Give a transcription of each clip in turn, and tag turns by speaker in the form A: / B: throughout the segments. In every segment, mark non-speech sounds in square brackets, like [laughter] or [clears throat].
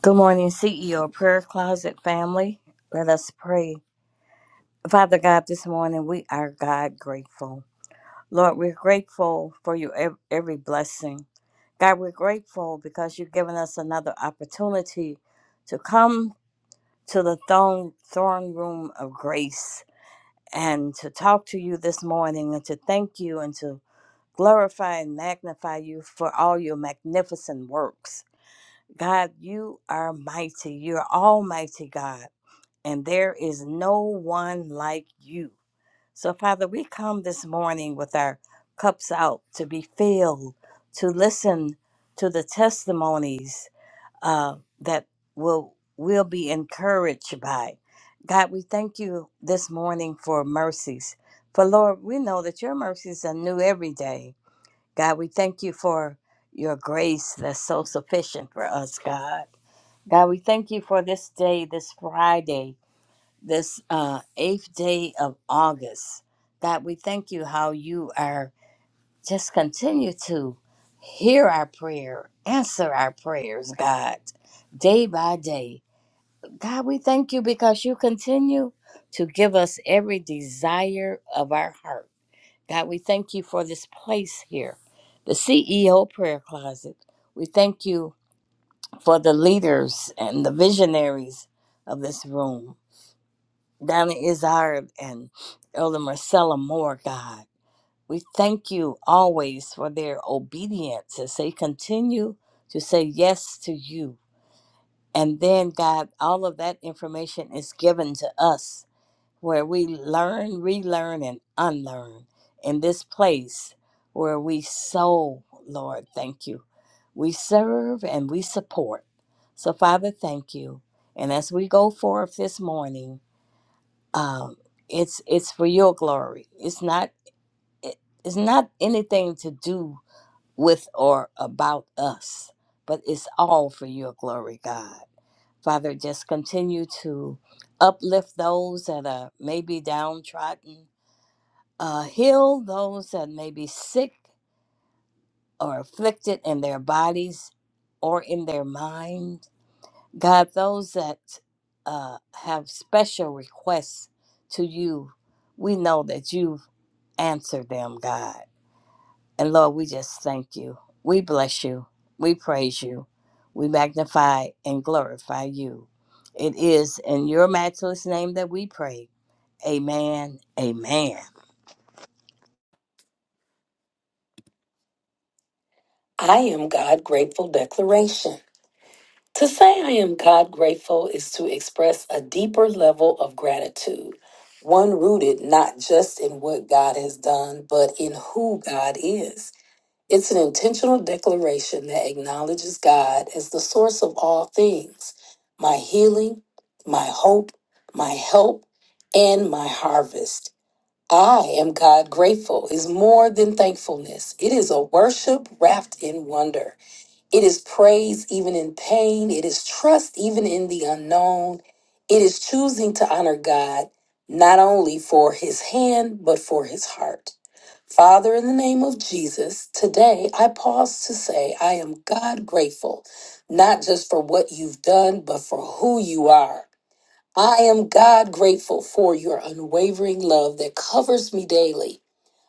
A: Good morning, CEO Prayer Closet family. Let us pray. Father God, this morning we are God grateful. Lord, we're grateful for you ev- every blessing. God, we're grateful because you've given us another opportunity to come to the throne, throne room of grace and to talk to you this morning and to thank you and to glorify and magnify you for all your magnificent works. God, you are mighty. You're almighty God. and there is no one like you. So, Father, we come this morning with our cups out to be filled, to listen to the testimonies uh, that will will be encouraged by. God, we thank you this morning for mercies. For Lord, we know that your mercies are new every day. God, we thank you for your grace that's so sufficient for us, God. God, we thank you for this day, this Friday, this uh, eighth day of August. God, we thank you how you are just continue to hear our prayer, answer our prayers, God, day by day. God, we thank you because you continue to give us every desire of our heart. God, we thank you for this place here, the CEO prayer closet. We thank you for the leaders and the visionaries of this room. Donna Izard and Elder Marcella Moore, God. We thank you always for their obedience as they continue to say yes to you. And then, God, all of that information is given to us where we learn, relearn, and unlearn in this place where we sow, Lord, thank you. We serve and we support. So, Father, thank you. And as we go forth this morning, um, it's it's for your glory. It's not it, it's not anything to do with or about us, but it's all for your glory, God. Father, just continue to uplift those that are maybe downtrodden, uh, heal those that may be sick or afflicted in their bodies or in their mind. God, those that uh, have special requests to you, we know that you Answer them, God. And Lord, we just thank you. We bless you. We praise you. We magnify and glorify you. It is in your matchless name that we pray. Amen. Amen.
B: I am God grateful declaration. To say I am God grateful is to express a deeper level of gratitude, one rooted not just in what God has done, but in who God is. It's an intentional declaration that acknowledges God as the source of all things my healing, my hope, my help, and my harvest. I am God grateful is more than thankfulness, it is a worship wrapped in wonder. It is praise even in pain. It is trust even in the unknown. It is choosing to honor God not only for his hand, but for his heart. Father, in the name of Jesus, today I pause to say I am God grateful, not just for what you've done, but for who you are. I am God grateful for your unwavering love that covers me daily.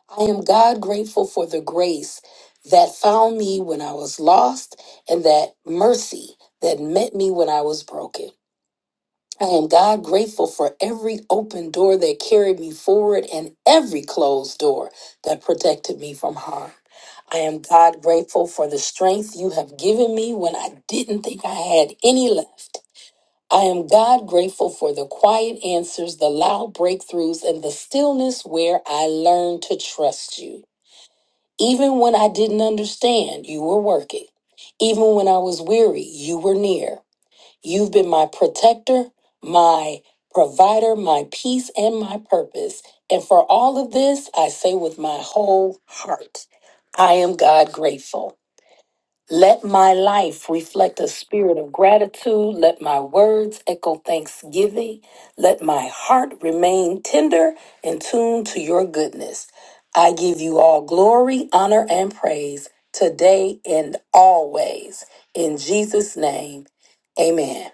B: I am God grateful for the grace that found me when I was lost and that mercy that met me when I was broken. I am God grateful for every open door that carried me forward and every closed door that protected me from harm. I am God grateful for the strength you have given me when I didn't think I had any left. I am God grateful for the quiet answers, the loud breakthroughs, and the stillness where I learned to trust you. Even when I didn't understand, you were working. Even when I was weary, you were near. You've been my protector, my provider, my peace, and my purpose. And for all of this, I say with my whole heart, I am God grateful. Let my life reflect a spirit of gratitude. Let my words echo thanksgiving. Let my heart remain tender and tuned to your goodness. I give you all glory, honor, and praise today and always. In Jesus' name, amen.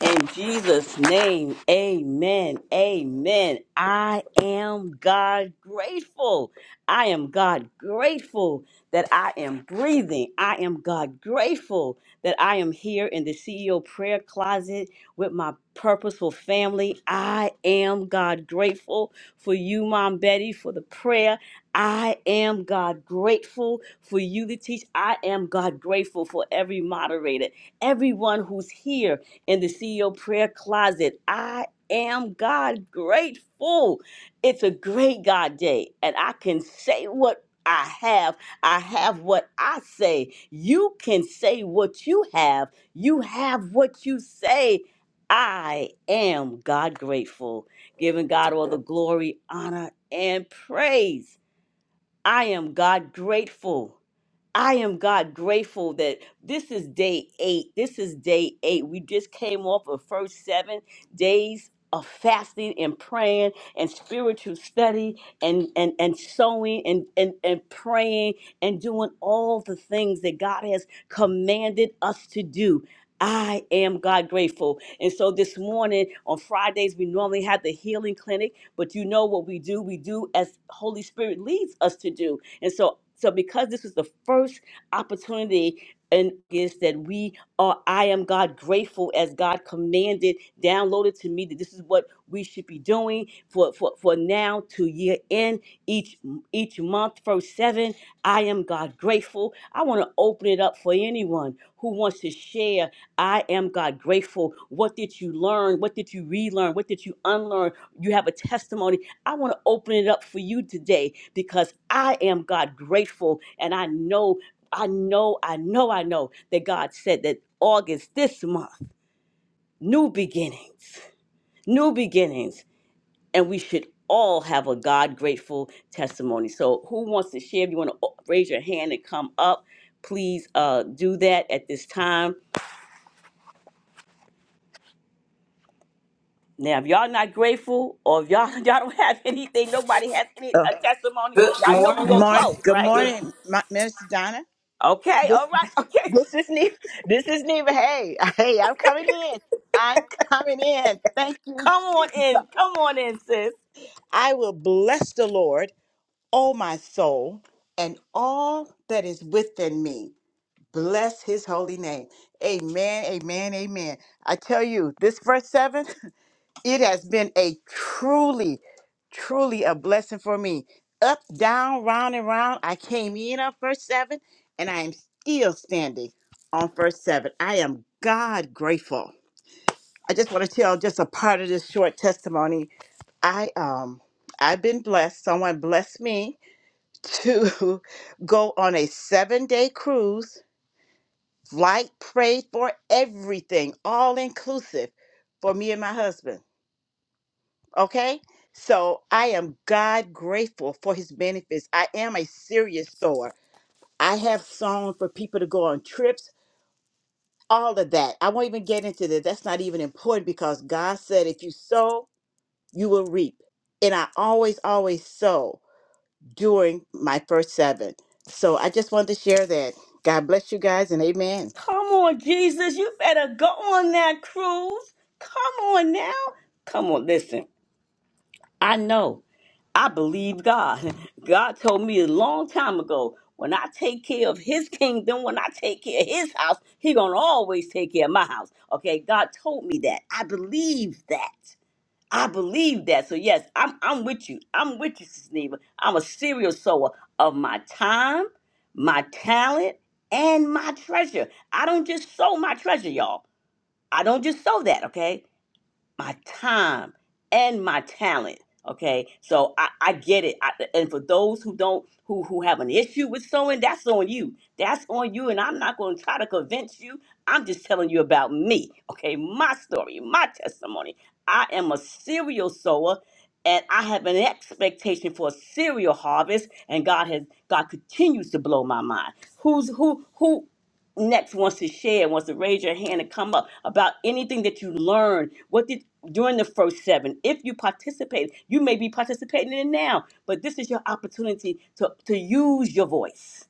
C: In Jesus' name, amen. Amen. I am God grateful. I am God grateful that I am breathing. I am God grateful that I am here in the CEO prayer closet with my purposeful family. I am God grateful for you, Mom Betty, for the prayer. I am God grateful for you to teach. I am God grateful for every moderator, everyone who's here in the CEO prayer closet. I am God grateful. It's a great God day, and I can say what I have. I have what I say. You can say what you have. You have what you say. I am God grateful, giving God all the glory, honor, and praise. I am God grateful. I am God grateful that this is day eight. This is day eight. We just came off of first seven days of fasting and praying and spiritual study and and and sowing and and and praying and doing all the things that God has commanded us to do. I am God grateful. And so this morning on Fridays, we normally have the healing clinic, but you know what we do? We do as Holy Spirit leads us to do. And so, so because this was the first opportunity and is that we are I am God grateful as God commanded, downloaded to me that this is what we should be doing for for, for now to year end each each month first seven. I am God grateful. I want to open it up for anyone who wants to share. I am God grateful. What did you learn? What did you relearn? What did you unlearn? You have a testimony I want to open it up for you today because I am God grateful and I know, I know, I know, I know that God said that August this month, new beginnings, new beginnings, and we should all have a God grateful testimony. So, who wants to share? If you want to raise your hand and come up, please uh, do that at this time. Now, if y'all not grateful, or if y'all [laughs] y'all don't have anything, nobody has any
D: Oh,
C: a testimony.
E: Good
C: Y'all know we
D: good
E: morning.
C: gonna
D: morning.
C: close,
D: Good
C: right?
E: Good.
D: morning, my, Minister Donna.
C: Okay,
D: This,
C: all right, okay.
D: this is Neva. [laughs] This is Neva. Hey, [laughs] hey, I'm coming in. I'm coming in. Thank
C: [laughs]
D: you,
C: Come on
D: Jesus.
C: in, come on in, sis.
D: I will bless the Lord, oh my soul, and all that is within me. Bless his holy name. Amen, amen, amen. I tell you, this verse 7, [laughs] It has been a truly, truly a blessing for me. Up, down, round, and round. I came in on first seven, and I am still standing on first seven. I am God grateful. I just want to tell just a part of this short testimony. I um I've been blessed. Someone blessed me to [laughs] go on a seven day cruise. Flight prayed for everything, all inclusive, for me and my husband. Okay? So I am God grateful for his benefits. I am a serious sower. I have sown for people to go on trips, all of that. I won't even get into that. That's not even important because God said if you sow, you will reap. And I always, always sow during my first seven. So I just wanted to share that. God bless you guys and amen.
C: Come on, Jesus, you better go on that cruise. Come on now. Come on, listen. I know. I believe God. [laughs] God told me a long time ago, when I take care of his kingdom, when I take care of his house, he gonna always take care of my house. Okay, God told me that. I believe that. I believe that. So yes, I'm I'm with you. I'm with you, Sister Neva. I'm a serial sower of my time, my talent, and my treasure. I don't just sow my treasure, y'all. I don't just sow that, okay? my time and my talent okay so i, I get it I, and for those who don't who who have an issue with sewing that's on you that's on you and i'm not going to try to convince you i'm just telling you about me okay my story my testimony i am a serial sower and i have an expectation for a serial harvest and god has god continues to blow my mind who's who who next wants to share, wants to raise your hand and come up about anything that you learned. What did during the first seven? If you participated, you may be participating in it now, but this is your opportunity to, to use your voice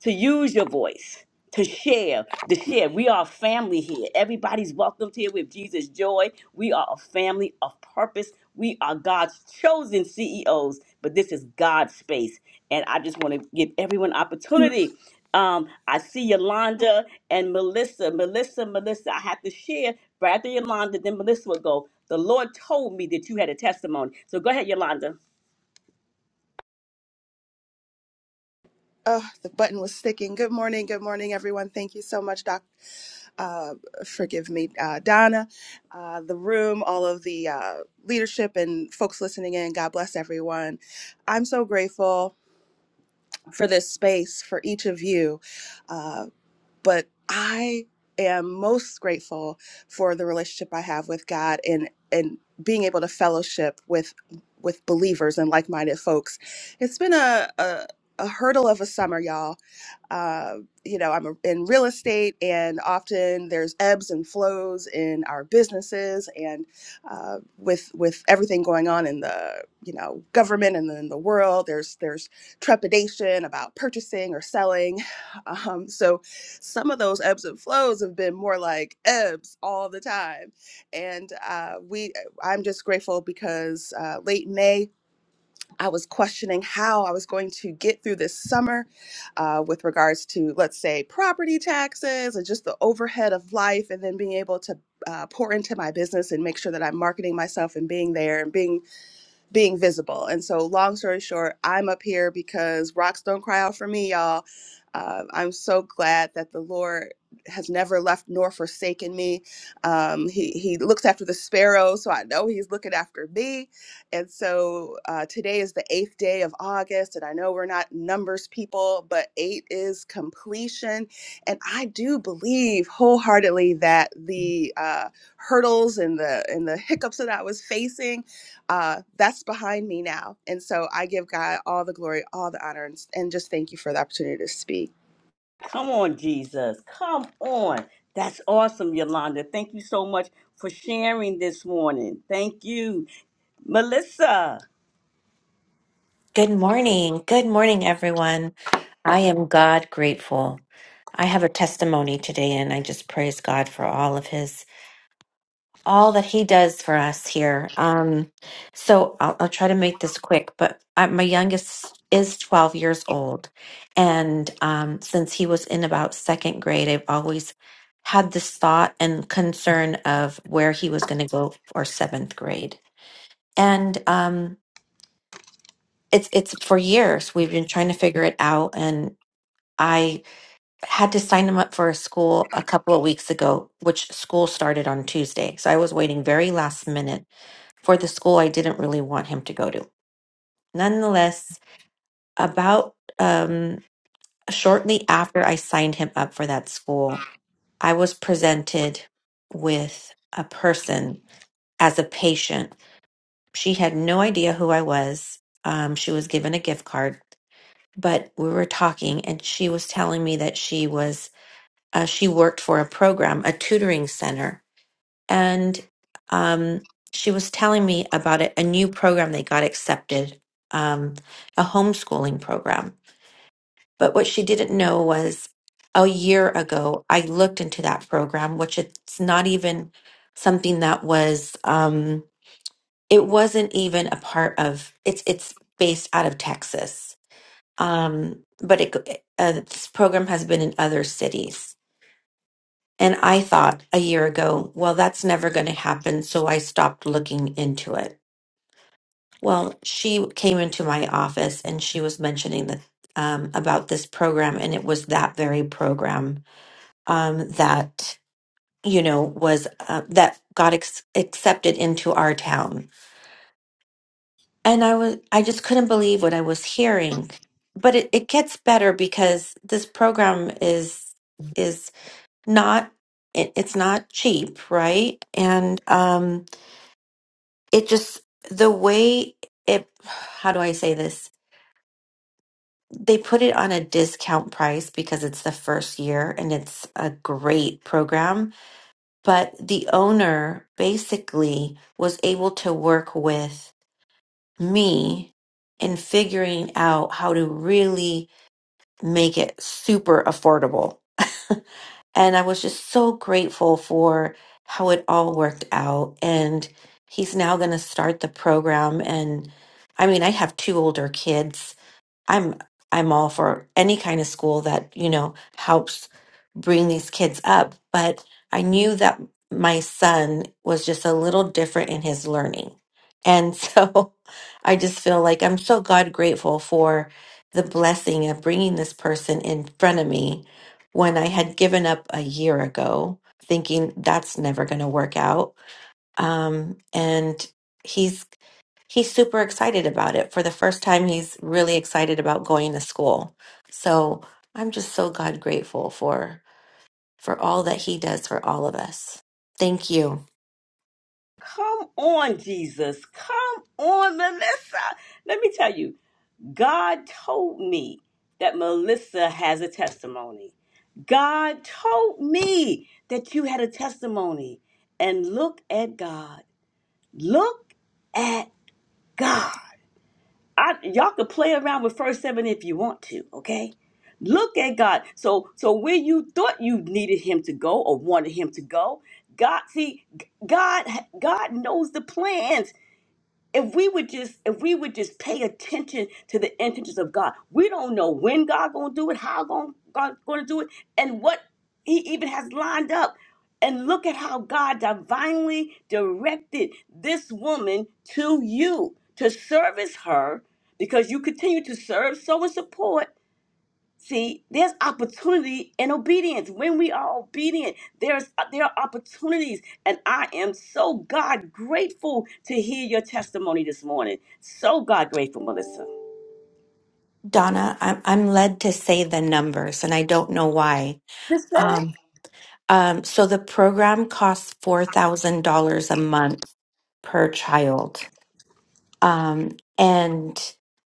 C: to use your voice to share to share we are a family here everybody's welcomed here with jesus joy we are a family of purpose we are god's chosen ceos but this is god's space and i just want to give everyone opportunity um, i see yolanda and melissa melissa melissa i have to share but after yolanda then melissa will go the lord told me that you had a testimony so go ahead yolanda
F: Oh, the button was sticking. Good morning. Good morning, everyone. Thank you so much, Doc. Uh, forgive me, uh, Donna, uh, the room, all of the uh, leadership and folks listening in. God bless everyone. I'm so grateful for this space, for each of you. Uh, but I am most grateful for the relationship I have with God and, and being able to fellowship with with believers and like-minded folks. It's been a, a, a hurdle of a summer, y'all uh, you know, I'm in real estate, and often there's ebbs and flows in our businesses, and uh, with with everything going on in the you know government and in the world, there's there's trepidation about purchasing or selling. [sighs] [laughs] Um, so some of those ebbs and flows have been more like ebbs all the time, and uh, we I'm just grateful because uh, late May I was questioning how I was going to get through this summer uh, with regards to, let's say, property taxes and just the overhead of life, and then being able to uh, pour into my business and make sure that I'm marketing myself and being there and being being visible. And so, long story short, I'm up here because rocks don't cry out for me, y'all. Uh, I'm so glad that the Lord has never left nor forsaken me. Um, he, he looks after the sparrows, so I know He's looking after me. And so, uh, today is the eighth day of August, and I know we're not numbers people, but eight is completion. And I do believe wholeheartedly that the uh, hurdles and the and the hiccups that I was facing uh, that's behind me now. And so I give God all the glory, all the honor, and, and just thank you for the opportunity to speak.
C: Come on, Jesus. Come on. That's awesome, Yolanda. Thank you so much for sharing this morning. Thank you. Melissa,
G: Good morning. Good morning, everyone. I am God grateful. I have a testimony today, and I just praise God for all of His, all that He does for us here. Um, so I'll, I'll try to make this quick, but I, my youngest is 12 years old. And um, since he was in about second grade, I've always had this thought and concern of where he was going to go for seventh grade. And um, it's it's for years we've been trying to figure it out and i had to sign him up for a school a couple of weeks ago which school started on tuesday so i was waiting very last minute for the school i didn't really want him to go to nonetheless about um shortly after i signed him up for that school i was presented with a person as a patient she had no idea who i was um, she was given a gift card but we were talking and she was telling me that she was uh, she worked for a program a tutoring center and um, she was telling me about a, a new program they got accepted um, a homeschooling program but what she didn't know was a year ago i looked into that program which it's not even something that was um, it wasn't even a part of it's it's based out of texas um, but it, uh, this program has been in other cities. And I thought a year ago, well, that's never going to happen. So I stopped looking into it. Well, she came into my office and she was mentioning that, um, about this program. And it was that very program um, that, you know, was uh, that got ex- accepted into our town. And I was, I just couldn't believe what I was hearing. But it, it gets better because this program is is not it, it's not cheap, right? And um it just the way it how do I say this? They put it on a discount price because it's the first year and it's a great program, but the owner basically was able to work with me in figuring out how to really make it super affordable. [laughs] and I was just so grateful for how it all worked out. And he's now going to start the program. And I mean, I have two older kids, I'm I'm all for any kind of school that, you know, helps bring these kids up, but I knew that my son was just a little different in his learning. And so [laughs] I just feel like I'm so God grateful for the blessing of bringing this person in front of me when I had given up a year ago, thinking that's never going to work out um, and he's he's super excited about it. For the first time, he's really excited about going to school. So I'm just so God grateful for for all that He does for all of us. Thank you,
C: come on, Jesus. Come on, Melissa. Let me tell you, God told me that Melissa has a testimony. God told me that you had a testimony. And look at God. Look at God. I, y'all could play around with first seven if you want to, okay? Look at God. So so where you thought you needed him to go or wanted him to go, God see God God knows the plans if we would just if we would just pay attention to the intentions of God, we don't know when God gonna do it, how gon- God gonna do it, and what He even has lined up. And look at how God divinely directed this woman to you to service her because you continue to serve, sow, and support. See, there's opportunity in obedience. When we are obedient, there's uh, there are opportunities, and I am so God grateful to hear your testimony this morning. So God grateful, Melissa.
G: Donna. I'm I'm led to say the numbers, and I don't know why.
C: Just go ahead.
G: Um, um, so the program costs four thousand dollars a month per child Um, and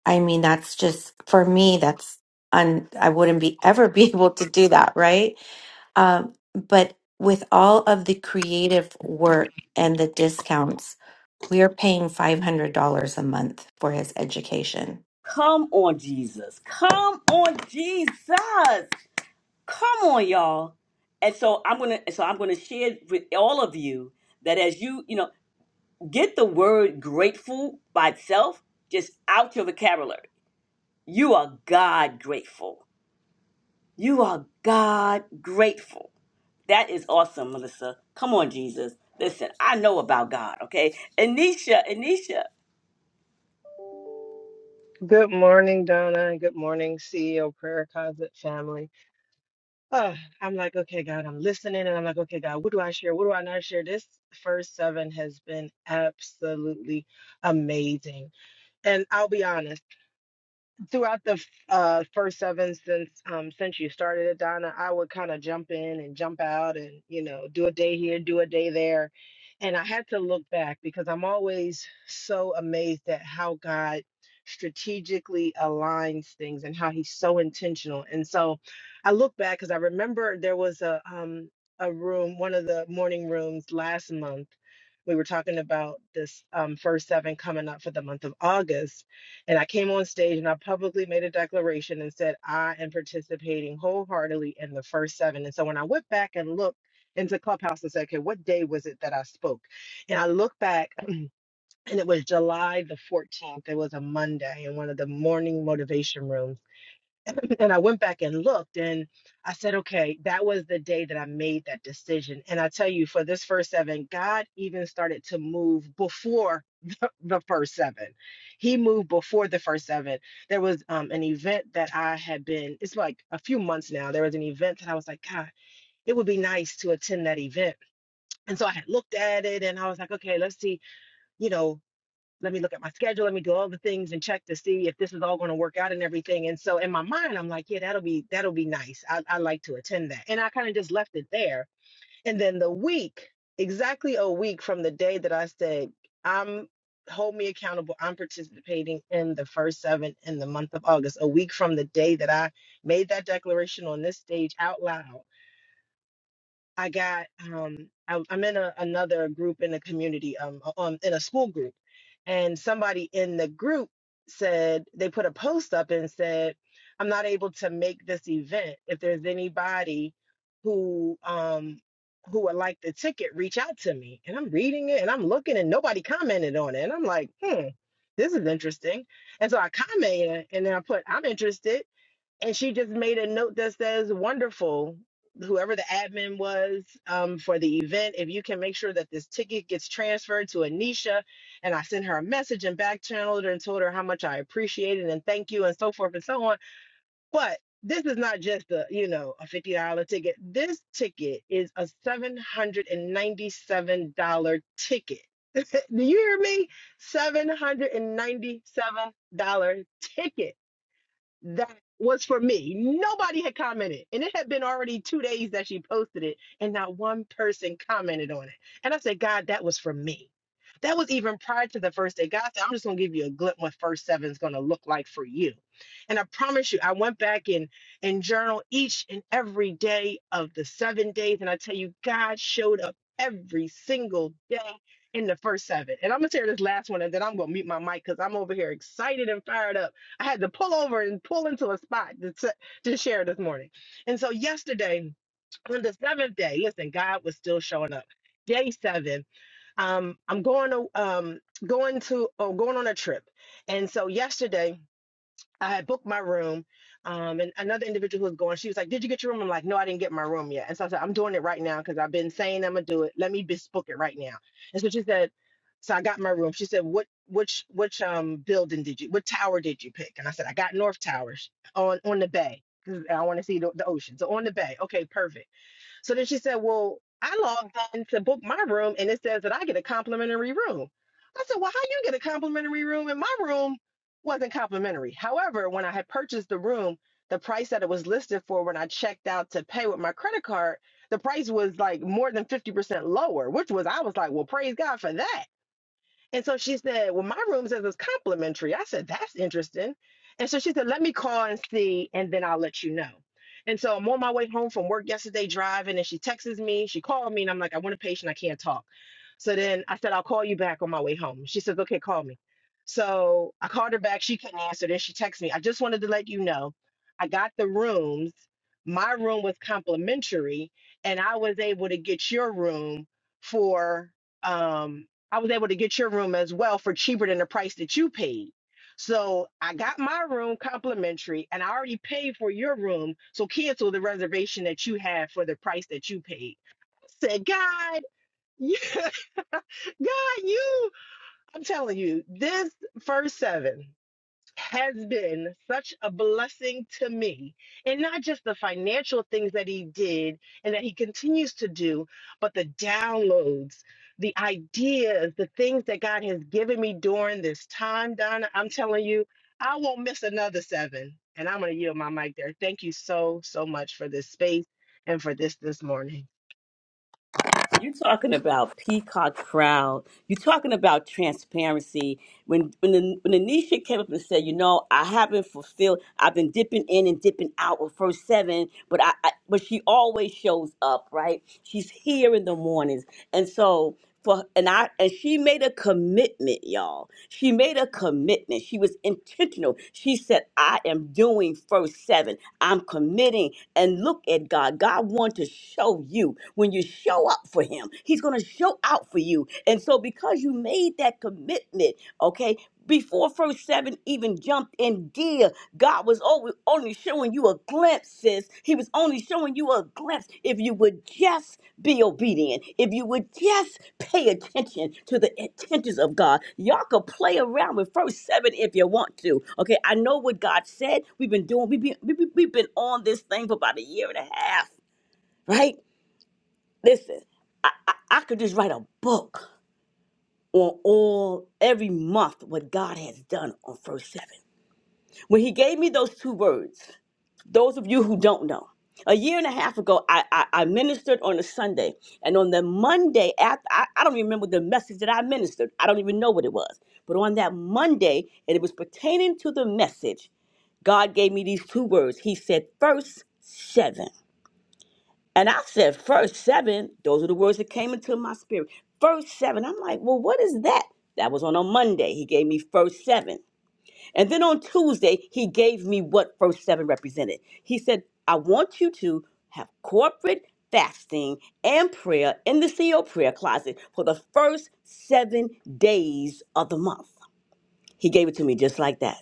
G: I mean, that's just for me, that's un, I wouldn't be ever [laughs] be able to do that, right? Um, but with all of the creative work and the discounts, we are paying $500 a month for his education
C: Come on, Jesus. Come on, Jesus. Come on, y'all. And so I'm gonna so I'm gonna share with all of you that as you you know get the word grateful by itself just out your vocabulary. You are God grateful You are God grateful. That is awesome, Melissa. Come on, Jesus. Listen, I know about God, okay? Anisha, Anisha.
H: Good morning, Donna, and good morning, CEO Prayer Closet family. Oh, I'm like, okay, God, I'm listening, and I'm like, okay, God, what do I share? What do I not share? This first seven has been absolutely amazing. And I'll be honest throughout the f- uh, first seven since um, since you started it, Donna, I would kind of jump in and jump out, and you know, do a day here, do a day there, and I had to look back because I'm always so amazed at how God strategically aligns things and how He's so intentional. And so, I look back because I remember there was a um, a room, one of the morning rooms last month. We were talking about this um, first seven coming up for the month of August and I came on stage and I publicly made a declaration and said, I am participating wholeheartedly in the first seven. And so when I went back and looked into Clubhouse and said, okay, what day was it that I spoke? And I looked back [clears throat] and it was July the 14th. It was a Monday in one of the morning motivation rooms and I went back and looked and I said, okay, that was the day that I made that decision. And I tell you, for this first seven, God even started to move before [laughs] the, the first seven. He moved before the first seven. There was um, an event that I had been, it's like a few months now, there was an event that I was like, God, it would be nice to attend that event. And so I had looked at it and I was like, okay, let's see, you know, let me look at my schedule let me do all the things and check to see if this is all going to work out and everything and so in my mind i'm like yeah that'll be that'll be nice i, I like to attend that and i kind of just left it there and then the week exactly a week from the day that i said i'm hold me accountable i'm participating in the first seven in the month of august a week from the day that i made that declaration on this stage out loud I got um I, I'm in a, another group in the community um on in a school group, and somebody in the group said they put a post up and said I'm not able to make this event. If there's anybody who um who would like the ticket, reach out to me. And I'm reading it and I'm looking and nobody commented on it, and I'm like, hmm, this is interesting. And so I commented and then I put I'm interested and she just made a note that says wonderful whoever the admin was um, for the event if you can make sure that this ticket gets transferred to anisha and i sent her a message and back channeled her and told her how much i appreciated and thank you and so forth and so on but this is not just a you know a $50 ticket this ticket is a $797 ticket do you hear me $797 ticket that was for me. Nobody had commented. And it had been already two days that she posted it, and not one person commented on it. And I said, God, that was for me. That was even prior to the first day. God said, I'm just going to give you a glimpse what first seven is going to look like for you. And I promise you, I went back and, and journal each and every day of the seven days. And I tell you, God showed up every single day in the first seven. And I'm going to share this last one, and then I'm going to mute my mic because I'm over here excited and fired up I had to pull over and pull into a spot to, t- to share this morning. And so yesterday, on the seventh day, listen, God was still showing up. Day seven, um, I'm going to um, going to oh, going on a trip, and so yesterday I had booked my room, um, and another individual who was going, she was like, "Did you get your room?" I'm like, "No, I didn't get my room yet." And so I said, "I'm doing it right now because I've been saying I'm gonna do it. Let me just book it right now." And so she said, "So I got my room." She said, "What which which um building did you? What tower did you pick?" And I said, "I got North Towers on on the bay. 'cause I want to see the, the ocean. So on the bay, okay, perfect." So then she said, Well, I logged in to book my room and it says that I get a complimentary room. I said, Well, how you get a complimentary room? And my room wasn't complimentary. However, when I had purchased the room, the price that it was listed for when I checked out to pay with my credit card, the price was like more than 50% lower, which was, I was like, Well, praise God for that. And so she said, Well, my room says it's complimentary. I said, That's interesting. And so she said, Let me call and see, and then I'll let you know. And so I'm on my way home from work yesterday driving, and she texts me. She called me, and I'm like, I want a patient. I can't talk. So then I said, I'll call you back on my way home. She says, Okay, call me. So I called her back. She couldn't answer. Then she texted me, I just wanted to let you know I got the rooms. My room was complimentary, and I was able to get your room for. um, I was able to get your room as well for cheaper than the price that you paid. So I got my room complimentary and I already paid for your room. So cancel the reservation that you had for the price that you paid. I said, God, [laughs] God, you, I'm telling you, this first seven has been such a blessing to me. And not just the financial things that he did and that he continues to do, but the downloads, the ideas, the things that God has given me during this time, Donna. I'm telling you, I won't miss another seven. And I'm going to yield my mic there. Thank you so, so much for this space and for this this morning.
C: You're talking about peacock crowd. You're talking about transparency. When when the when Anisha came up and said, you know, I haven't fulfilled. I've been dipping in and dipping out with first seven, but I, I but she always shows up, right? She's here in the mornings, and so. For, and I and she made a commitment, y'all. She made a commitment. She was intentional. She said, "I am doing first seven. I'm committing and look at God. God wants to show you when you show up for Him, He's going to show out for you. And so, because you made that commitment, okay, before first seven even jumped in gear, God was only, only showing you a glimpse, sis. He was only showing you a glimpse if you would just be obedient, if you would just pay attention to the intentions of God. Y'all could play around with verse 7 if you want to. Okay, I know what God said. We've been doing, we've been, we- we- we've been on this thing for about a year and a half, right? Listen, I, I, I could just write a book on all every month what God has done on verse 7. When he gave me those two words, those of you who don't know, a year and a half ago, I, I, I ministered on a Sunday. And on the Monday, after, I, I don't remember the message that I ministered. I don't even know what it was. But on that Monday, and it was pertaining to the message, God gave me these two words. He said, First seven. And I said, First seven. Those are the words that came into my spirit. First seven. I'm like, Well, what is that? That was on a Monday. He gave me first seven. And then on Tuesday, he gave me what first 7 represented. He said, I want you to have corporate fasting and prayer in the CO prayer closet for the first seven days of the month. He gave it to me just like that.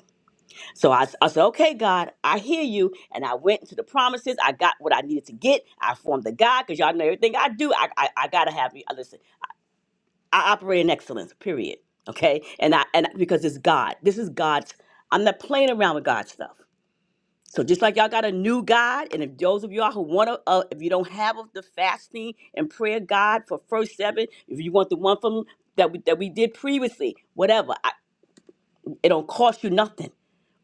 C: So I, I said, okay, God, I hear you. And I went into the promises. I got what I needed to get. I formed the God because y'all know everything I do. I, I, I got to have me. uh, Listen, I operate in excellence, period. Okay. And I, and because it's God, this is God's I'm not playing around with God's stuff. So just like y'all got a new God, and if those of y'all who want to, uh, if you don't have of the fasting and prayer God for first seven, if you want the one from that we, that we did previously, whatever, I, it don't cost you nothing.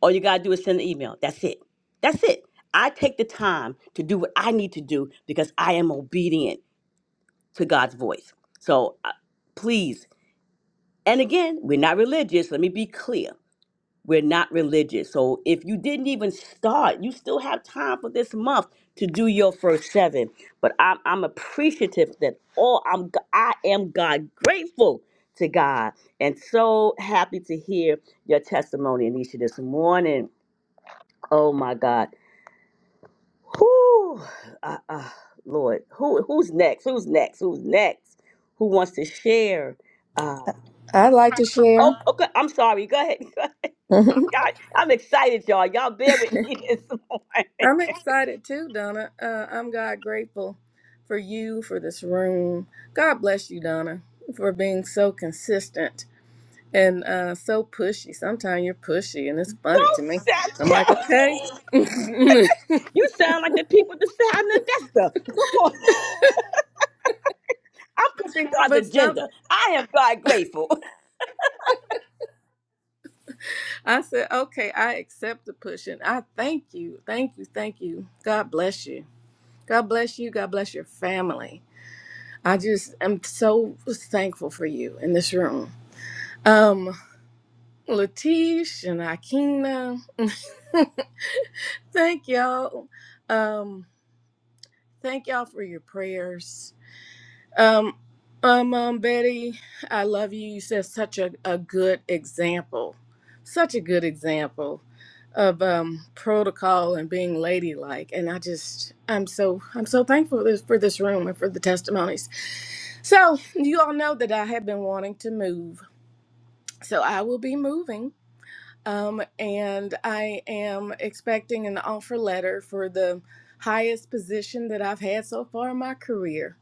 C: All you gotta do is send an email. That's it. That's it. I take the time to do what I need to do because I am obedient to God's voice. So uh, please, and again, we're not religious. Let me be clear. We're not religious. So if you didn't even start, you still have time for this month to do your first seven. But I'm, I'm appreciative that all I'm g- I am God grateful to God and so happy to hear your testimony, Anisha, this morning. Oh my God. who, uh, uh, Lord, who who's next? Who's next? Who's next? Who wants to share? Uh,
I: I'd like to share.
C: oh, okay. I'm sorry. Go ahead. [laughs]
I: [laughs] I'm
C: God, I'm excited, y'all. Y'all bear with me [laughs] this morning.
I: excited too, Donna. Uh, I'm God grateful for you, for this room. God bless you, Donna, for being so consistent and uh, so pushy. Sometimes you're pushy, and it's funny to
C: Don't
I: me. I'm like,
C: sound
I: okay. [laughs]
C: You sound like the people at the sound investor. Come on. I'm pushing God's
I: but some,
C: agenda. I am God grateful. [laughs]
I: I said, okay, I accept the pushing. I thank you. Thank you. Thank you. God bless you. God bless you. God bless your family. I just am so thankful for you in this room. Um. Latish and Akina. [laughs] thank y'all. Um, thank y'all for your prayers. Um, um, um, Betty, I love you. You set such a, a good example, such a good example of um, protocol and being ladylike. And I just, I'm so, I'm so thankful for this, for this room and for the testimonies. So you all know that I have been wanting to move. So I will be moving Um, and I am expecting an offer letter for the highest position that I've had so far in my career.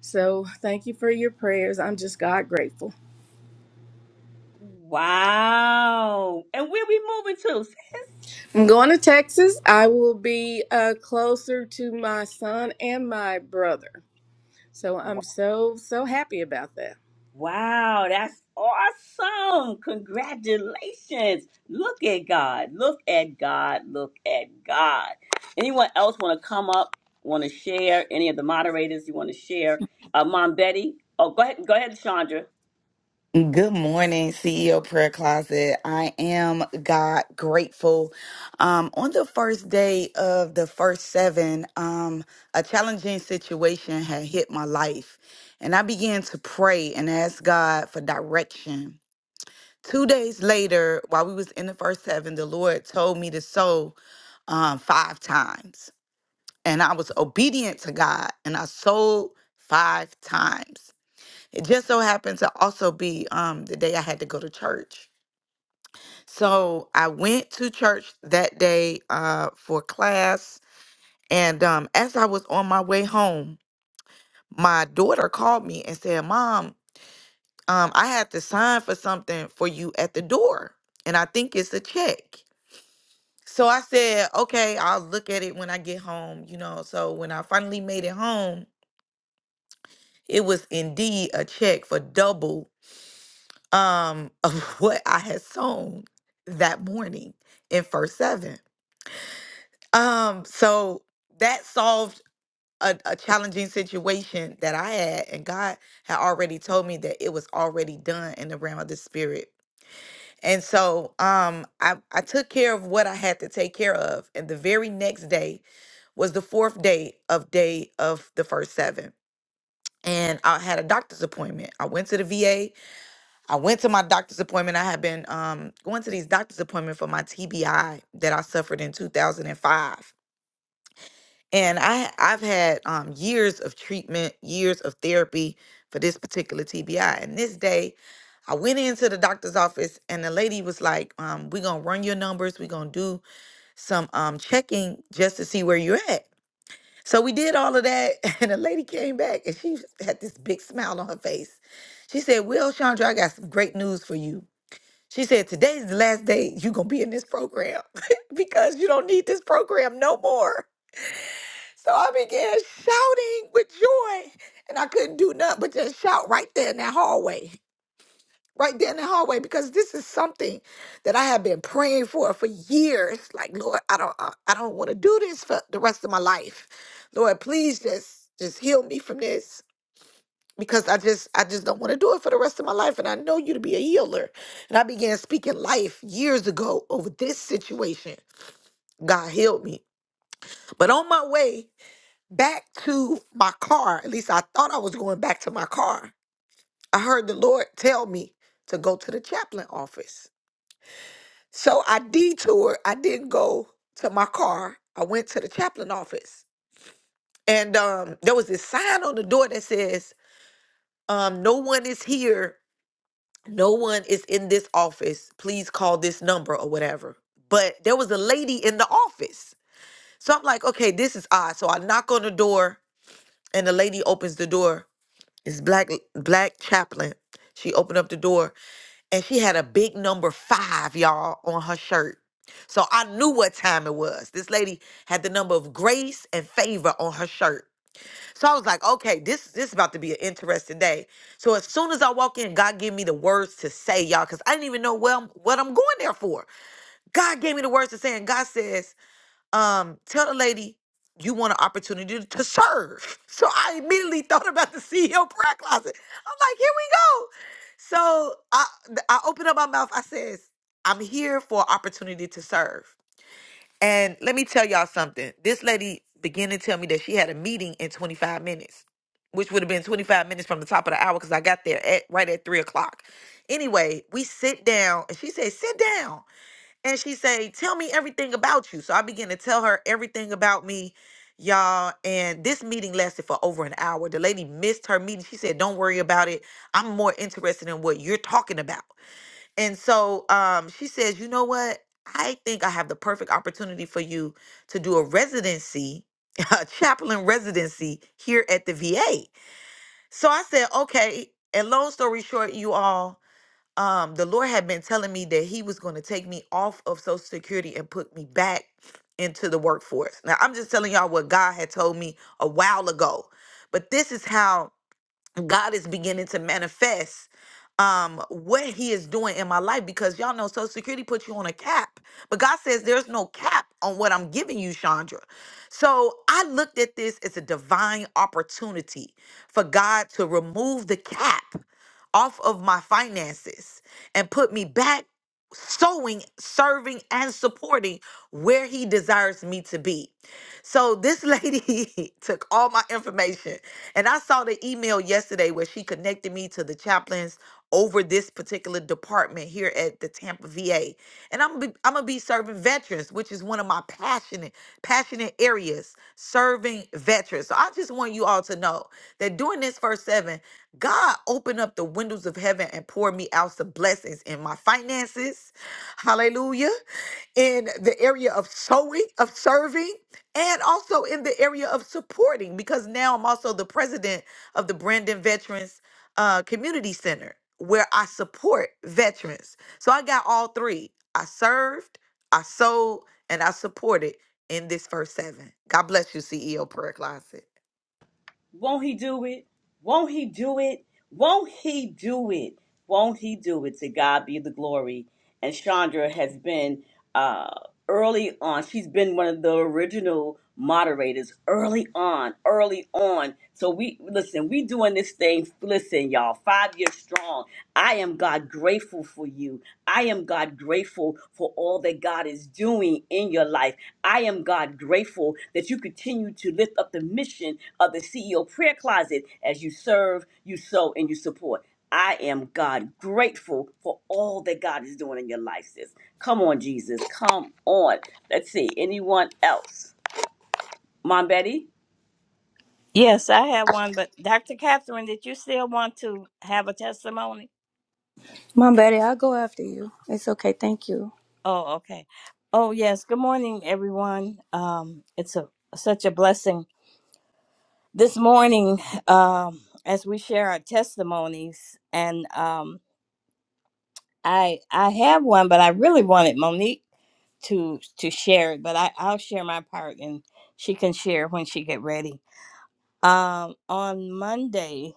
I: So thank you for your prayers. I'm just God grateful.
C: Wow. And where we moving to?
I: I'm going to Texas. I will be uh, closer to my son and my brother. So I'm so, so happy about that.
C: Wow, that's awesome. Congratulations. Look at God. Look at God. Look at God. Anyone else want to come up? Want to share? Any of the moderators you want to share? Uh, Mom Betty? Oh, go ahead. Go ahead, Chandra.
J: Good morning, CEO Prayer Closet. I am God grateful. Um, on the first day of the first seven, um, a challenging situation had hit my life, and I began to pray and ask God for direction. Two days later, while we was in the first seven, the Lord told me to sow um, five times, and I was obedient to God, and I sowed five times. It just so happened to also be um, the day I had to go to church. So I went to church that day uh, for class. And um, as I was on my way home, my daughter called me and said, Mom, um, I had to sign for something for you at the door. And I think it's a check. So I said, Okay, I'll look at it when I get home. You know, so when I finally made it home, it was indeed a check for double. um of [laughs] what I had sown that morning in verse 7. Um so that solved a, a challenging situation that I had and God had already told me that it was already done in the realm of the spirit. And so um I I took care of what I had to take care of and the very next day was the fourth day of day of the first 7. And I had a doctor's appointment. I went to the VA I went to my doctor's appointment. I had been um, going to these doctor's appointments for my TBI that I suffered in 2005. And five, and I, I've had um, years of treatment, years of therapy for this particular TBI. And this day, I went into the doctor's office and the lady was like, um, We're going to run your numbers. We're going to do some um, checking just to see where you're at. So we did all of that. [laughs] And the lady came back and she had this big smile on her face. She said, Well, Chandra, I got some great news for you. She said, Today's the last day you're going to be in this program [laughs] because you don't need this program no more. So I began shouting with joy, and I couldn't do nothing but just shout right there in that hallway, right there in the hallway, because this is something that I have been praying for for years. Like, Lord, I don't, I I don't want to do this for the rest of my life. Lord, please just, just heal me from this because I just I just don't want to do it for the rest of my life and I know you to be a healer. And I began speaking life years ago over this situation. God healed me. But on my way back to my car, at least I thought I was going back to my car. I heard the Lord tell me to go to the chaplain office. So I detoured. I didn't go to my car. I went to the chaplain office. And um, there was this sign on the door that says, um, no one is here no one is in this office. Please call this number or whatever. But there was a lady in the office. So I'm like, okay, this is odd. So I knock on the door and the lady opens the door. It's black black chaplain. She opened up the door and she had a big number five, y'all, on her shirt. So I knew what time it was. This lady had the number of grace and favor on her shirt. So I was like, okay, this this is about to be an interesting day. So as soon as I walk in, God gave me the words to say, y'all, because I didn't even know well what I'm what I'm going there for. God gave me the words to say, and God says, um, tell the lady you want an opportunity to serve. [laughs] So I immediately thought about the CEO prayer closet. I'm like, here we go. So I I opened up my mouth. I says, I'm here for opportunity to serve. And let me tell y'all something. This lady began to tell me that she had a meeting in 25 minutes, which would have been 25 minutes from the top of the hour because I got there at right at three o'clock. Anyway, we sit down and she said, sit down. And she say, tell me everything about you. So I began to tell her everything about me, y'all. And this meeting lasted for over an hour. The lady missed her meeting. She said, don't worry about it. I'm more interested in what you're talking about. And so um, she says, you know what? I think I have the perfect opportunity for you to do a residency, [laughs] a chaplain residency here at the VA. So I said, okay. And long story short, you all, um, the Lord had been telling me that He was going to take me off of Social Security and put me back into the workforce. Now, I'm just telling y'all what God had told me a while ago. But this is how. God is beginning to manifest um what he is doing in my life because y'all know social security puts you on a cap but god says there's no cap on what i'm giving you chandra so i looked at this as a divine opportunity for god to remove the cap off of my finances and put me back sowing serving and supporting where he desires me to be so this lady [laughs] took all my information, and I saw the email yesterday where she connected me to the chaplains over this particular department here at the Tampa VA. And I'm be, I'm gonna be serving veterans, which is one of my passionate passionate areas, serving veterans. So I just want you all to know that during this first seven, God opened up the windows of heaven and poured me out some blessings in my finances. Hallelujah in the area of sowing, of serving and also in the area of supporting because now i'm also the president of the brandon veterans uh, community center where i support veterans so i got all three i served i sold and i supported in this first seven god bless you ceo prayer closet
C: Won't he do it? Won't he do it? Won't he do it? Won't he do it? To God be the glory. And Chandra has been uh, early on. She's been one of the original moderators early on, early on. So we listen. We doing this thing. Listen, y'all. Five years strong. I am God grateful for you. I am God grateful for all that God is doing in your life. I am God grateful that you continue to lift up the mission of the CEO prayer closet as you serve, you sow, and you support. I am God grateful for all that God is doing in your life, sis. Come on, Jesus. Come on. Let's see. Anyone else? Mom Betty?
A: Yes, I have one, but Dr. Catherine, did you still want to have a testimony?
K: My baby, I'll go after you. It's okay. Thank you.
A: Oh, okay. Oh, yes. Good morning, everyone. Um, it's a such a blessing this morning um, as we share our testimonies. And um, I I have one, but I really wanted Monique to to share it. But I I'll share my part, and she can share when she get ready. Um, on Monday,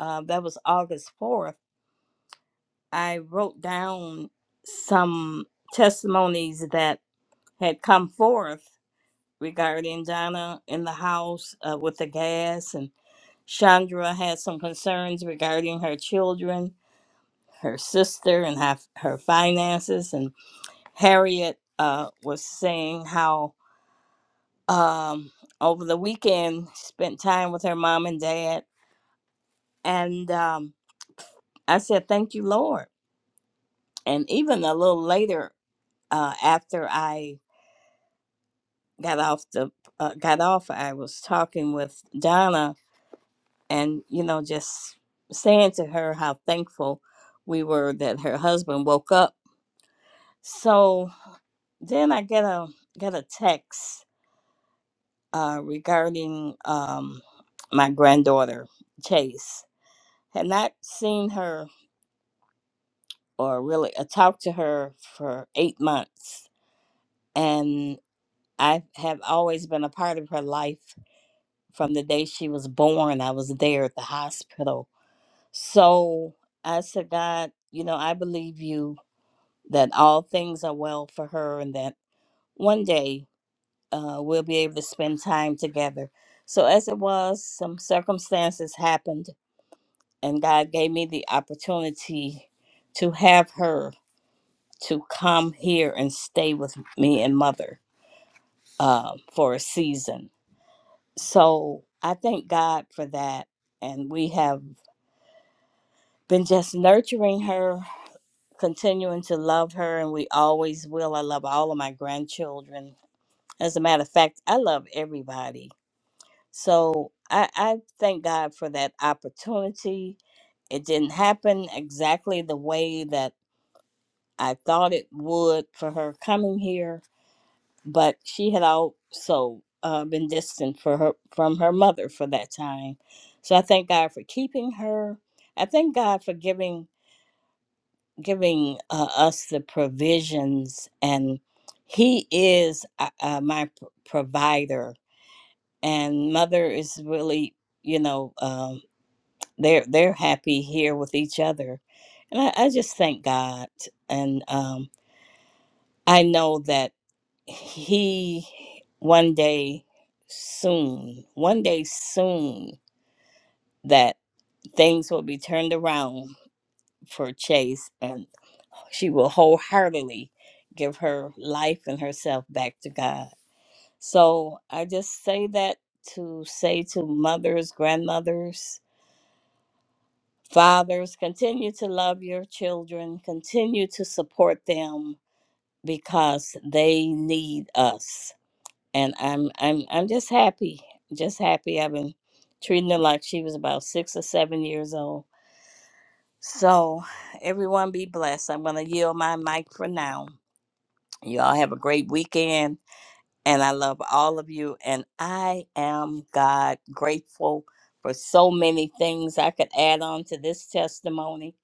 A: uh, that was August fourth. I wrote down some testimonies that had come forth regarding Donna in the house uh, with the gas, and Chandra had some concerns regarding her children, her sister, and her, her finances, and. Harriet uh, was saying how um, over the weekend spent time with her mom and dad, and um, I said, "Thank you, Lord." And even a little later, uh, after I got off the uh, got off, I was talking with Donna, and you know, just saying to her how thankful we were that her husband woke up. So then I get a get a text uh, regarding um, my granddaughter Chase. Had not seen her or really uh, talked to her for eight months, and I have always been a part of her life from the day she was born. I was there at the hospital, so I said, God, you know, I believe you that all things are well for her, and that one day uh, we'll be able to spend time together. So as it was, some circumstances happened and God gave me the opportunity to have her to come here and stay with me and mother um, for a season. So I thank God for that. And we have been just nurturing her, continuing to love her, and we always will. I love all of my grandchildren. As a matter of fact, I love everybody. So I, I thank God for that opportunity. It didn't happen exactly the way that I thought it would for her coming here, but she had also uh, been distant for her from her mother for that time. So I thank God for keeping her. I thank God for giving giving uh, us the provisions, and He is uh, uh, my p- provider. And mother is really, you know, um, they're they're happy here with each other, and I, I just thank God. And um, I know that. he one day soon, one day soon, that things will be turned around for Chase and she will wholeheartedly give her life and herself back to God. So I just say that to say to mothers, grandmothers, fathers, continue to love your children, continue to support them because they need us and I'm I'm I'm just happy, just happy. I've been treating her like she was about six or seven years old. So everyone be blessed. I'm gonna yield my mic for now. You all have a great weekend, and I love all of you. And I am God grateful for so many things I could add on to this testimony.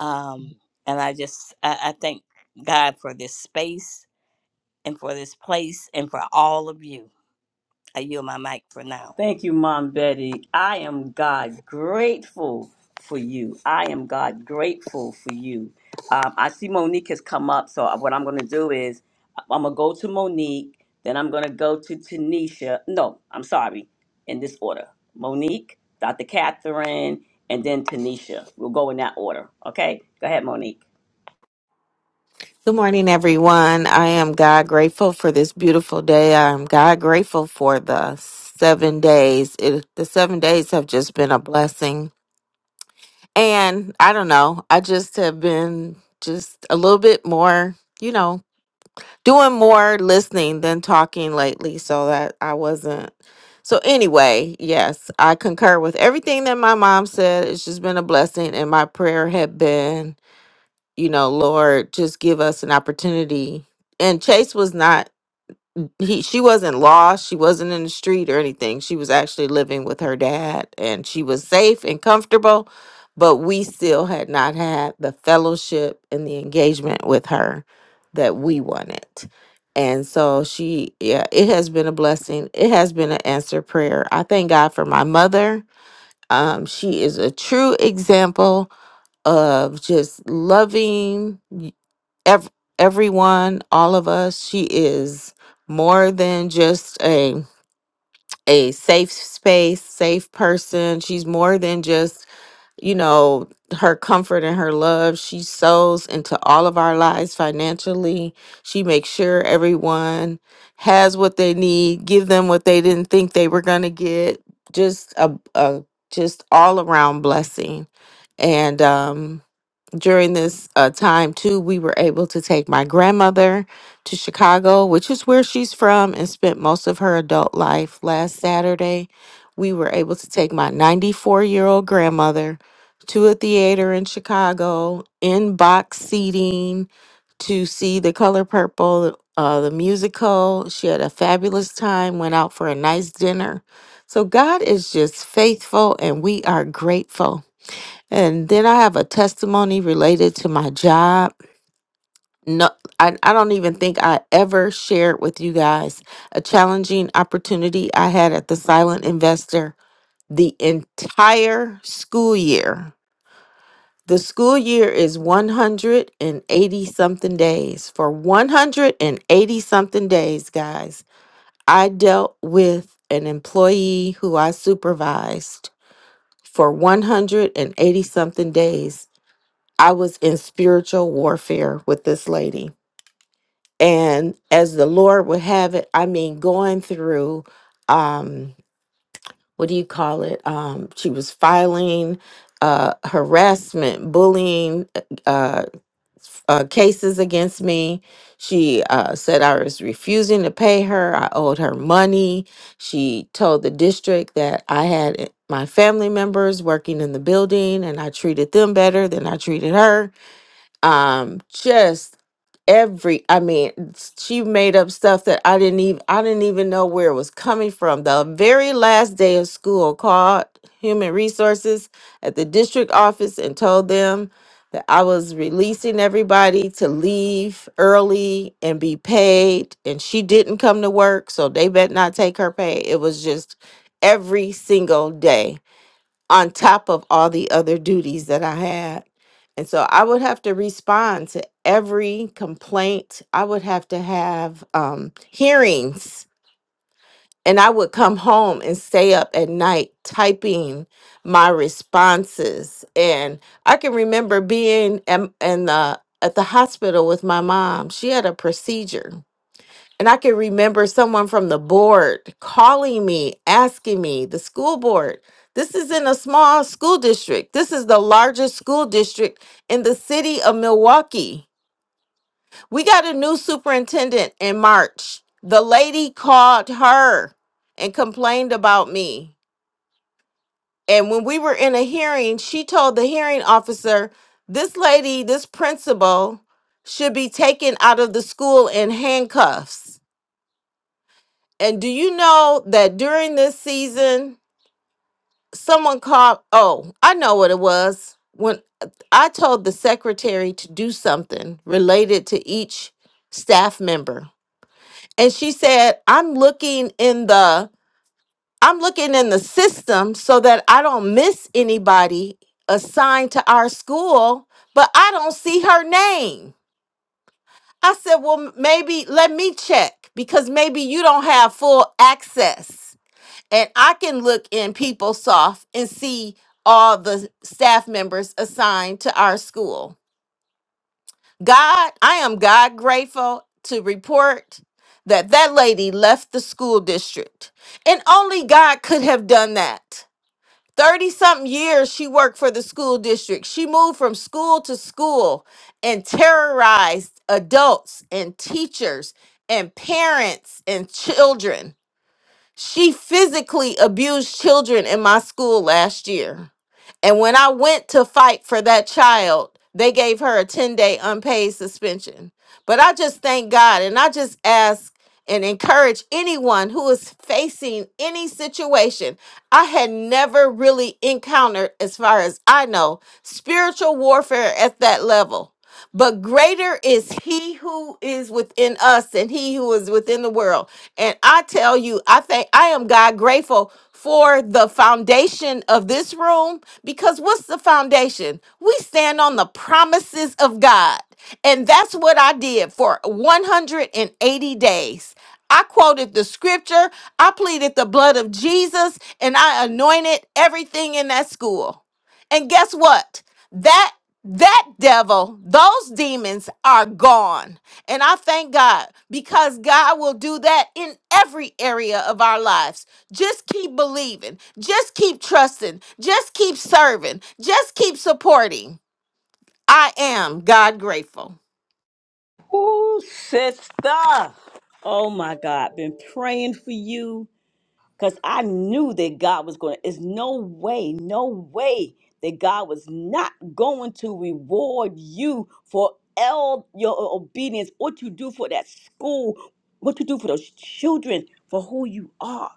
A: Um, and I just I, I thank God for this space and for this place and for all of you. I yield my mic for now.
C: Thank you, Mom Betty. I am God grateful for you. I am God grateful for you. Um, I see Monique has come up, so what I'm going to do is I'm going to go to Monique, then I'm going to go to Tanisha. No, I'm sorry, in this order Monique, Dr. Catherine, and then Tanisha. We'll go in that order, okay? Go ahead, Monique.
L: Good morning, everyone. I am God grateful for this beautiful day. I am God grateful for the seven days. It, the seven days have just been a blessing. And I don't know, I just have been just a little bit more, you know, doing more listening than talking lately so that I wasn't. So, anyway, yes, I concur with everything that my mom said. It's just been a blessing. And my prayer had been you know, Lord, just give us an opportunity. And Chase was not he she wasn't lost, she wasn't in the street or anything. She was actually living with her dad and she was safe and comfortable, but we still had not had the fellowship and the engagement with her that we wanted. And so she yeah, it has been a blessing. It has been an answered prayer. I thank God for my mother. Um she is a true example of just loving ev- everyone, all of us. She is more than just a a safe space, safe person. She's more than just, you know, her comfort and her love. She sows into all of our lives financially. She makes sure everyone has what they need, give them what they didn't think they were going to get. Just a, a just all around blessing. And um during this uh, time too we were able to take my grandmother to chicago which is where she's from and spent most of her adult life last saturday we were able to take my 94 year old grandmother to a theater in chicago in box seating to see the color purple uh, the musical she had a fabulous time went out for a nice dinner so god is just faithful and we are grateful and then I have a testimony related to my job. No, I, I don't even think I ever shared with you guys a challenging opportunity I had at the Silent Investor the entire school year. The school year is 180 something days. For 180 something days, guys, I dealt with an employee who I supervised for 180 something days I was in spiritual warfare with this lady. And as the Lord would have it, I mean, going through, um, what do you call it? Um, she was filing uh, harassment, bullying uh, uh, cases against me. She uh, said I was refusing to pay her. I owed her money. She told the district that I had my family members working in the building and I treated them better than I treated her um just every i mean s- she made up stuff that i didn't even i didn't even know where it was coming from the very last day of school called human resources at the district office and told them that i was releasing everybody to leave early and be paid and she didn't come to work so they bet not take her pay it was just every single day on top of all the other duties that I had. And so I would have to respond to every complaint. I would have to have um, hearings. And I would come home and stay up at night typing my responses. And I can remember being in, in the, at the hospital with my mom. She had a procedure and I can remember someone from the board calling me, asking me, the school board, this is in a small school district. This is the largest school district in the city of Milwaukee. We got a new superintendent in March. The lady called her and complained about me. And when we were in a hearing, she told the hearing officer, this lady, this principal, should be taken out of the school in handcuffs And do you know that during this season, someone called? Oh, I know what it was. When I told the secretary to do something related to each staff member, and she said, "I'm looking in the I'm looking in the system so that I don't miss anybody assigned to our school, but I don't see her name." I said, "Well, m- maybe let me check because maybe you don't have full access." and I can look in PeopleSoft and see all the staff members assigned to our school. God, I am God grateful to report that that lady left the school district, and only God could have done that. 30 something years she worked for the school district. She moved from school to school and terrorized adults and teachers and parents and children. She physically abused children in my school last year. And when I went to fight for that child, they gave her a 10 day unpaid suspension. But I just thank God and I just ask and encourage anyone who is facing any situation. I had never really encountered, as far as I know, spiritual warfare at that level. But greater is he who is within us and he who is within the world. And I tell you, I think I am God grateful for the foundation of this room because what's the foundation? We stand on the promises of God. And that's what I did for 180 days. I quoted the scripture, I pleaded the blood of Jesus, and I anointed everything in that school. And guess what? that that devil those demons are gone and i thank god because god will do that in every area of our lives just keep believing just keep trusting just keep serving just keep supporting i am god grateful
C: Ooh, sister. Oh my God. Been praying for you. because I knew that God was going to. There's no way, no way that God was not going to reward you for all your obedience, what you do for that school, what you do for those children, for who you are.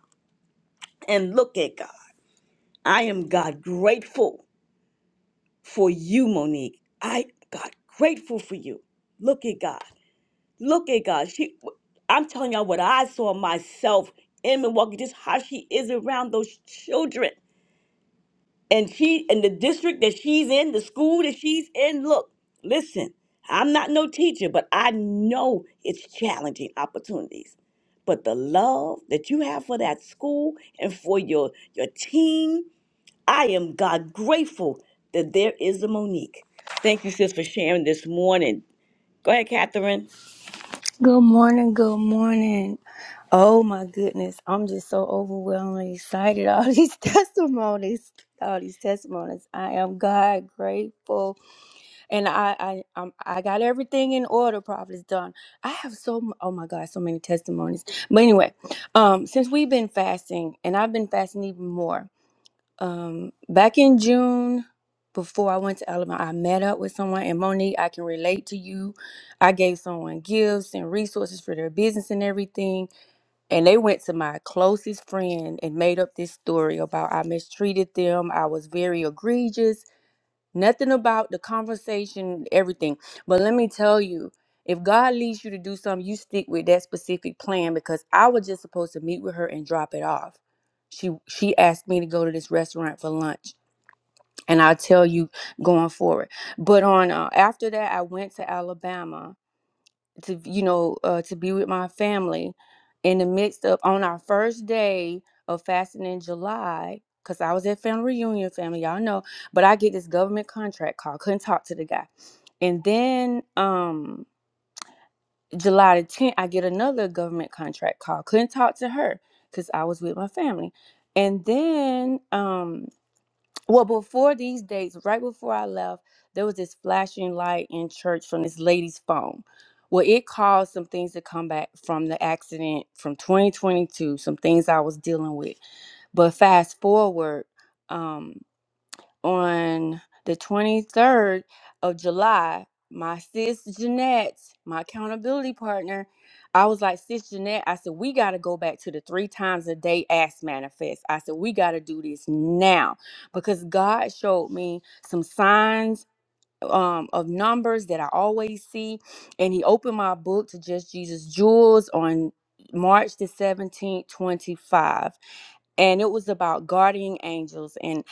C: And look at God. I am God grateful for you, Monique. I God grateful for you. Look at God. Look at God. She, I'm telling y'all what I saw myself in Milwaukee, just how she is around those children. and she in the district that she's in, the school that she's in. Look, listen, I'm not no teacher, but I know it's challenging opportunities. But the love that you have for that school and for your your team, I am God grateful that there is a Monique. Thank you, sis, for sharing this morning. Go ahead, Catherine.
K: Good morning. Good morning. Oh my goodness. I'm just so overwhelmingly excited. [laughs] All these testimonies. All these testimonies. I am God grateful. And I I I'm, I got everything in order, Prophet's done. I have so m- oh my God, so many testimonies. But anyway, um, since we've been fasting and I've been fasting even more. um back in June before I went to Alabama, I met up with someone and Monique, I can relate to you. I gave someone gifts and resources for their business and everything. And they went to my closest friend and made up this story about I mistreated them. I was very egregious Nothing about the conversation, everything. But let me tell you, if God leads you to do something, you stick with that specific plan because I was just supposed to meet with her and drop it off. She she asked me to go to this restaurant for lunch, and I'll tell you going forward. But on uh, after that, I went to Alabama to you know uh, to be with my family in the midst of on our first day of fasting in july because i was at family reunion family y'all know but i get this government contract call couldn't talk to the guy and then um july the 10th i get another government contract call couldn't talk to her because i was with my family and then um well, before these dates, right before I left, there was this flashing light in church from this lady's phone. Well, it caused some things to come back from the accident from 2022, some things I was dealing with. But fast forward, um, on the 23rd of July, my sis Jeanette, my accountability partner, I was like, Sis Jeanette, I said, we got to go back to the three times a day ass manifest. I said, we got to do this now because God showed me some signs. Um, of numbers that I always see, and he opened my book to Just Jesus Jewels on March the 17th, 25 and it was about guardian angels and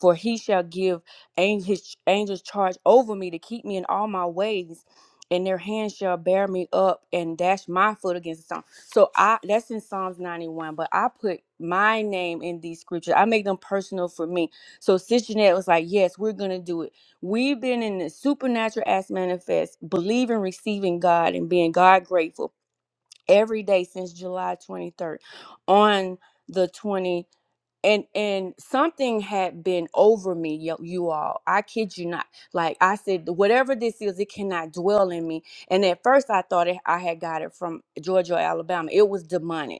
K: for he shall give ang- his ch- angels charge over me to keep me in all my ways and their hands shall bear me up and dash my foot against the stone so i that's in psalms 91 but i put my name in these scriptures i make them personal for me so Cincinnati was like yes we're gonna do it we've been in the supernatural as manifest believing receiving god and being god grateful every day since july 23rd on the 20 and and something had been over me you, you all i kid you not like i said whatever this is it cannot dwell in me and at first i thought it, i had got it from georgia or alabama it was demonic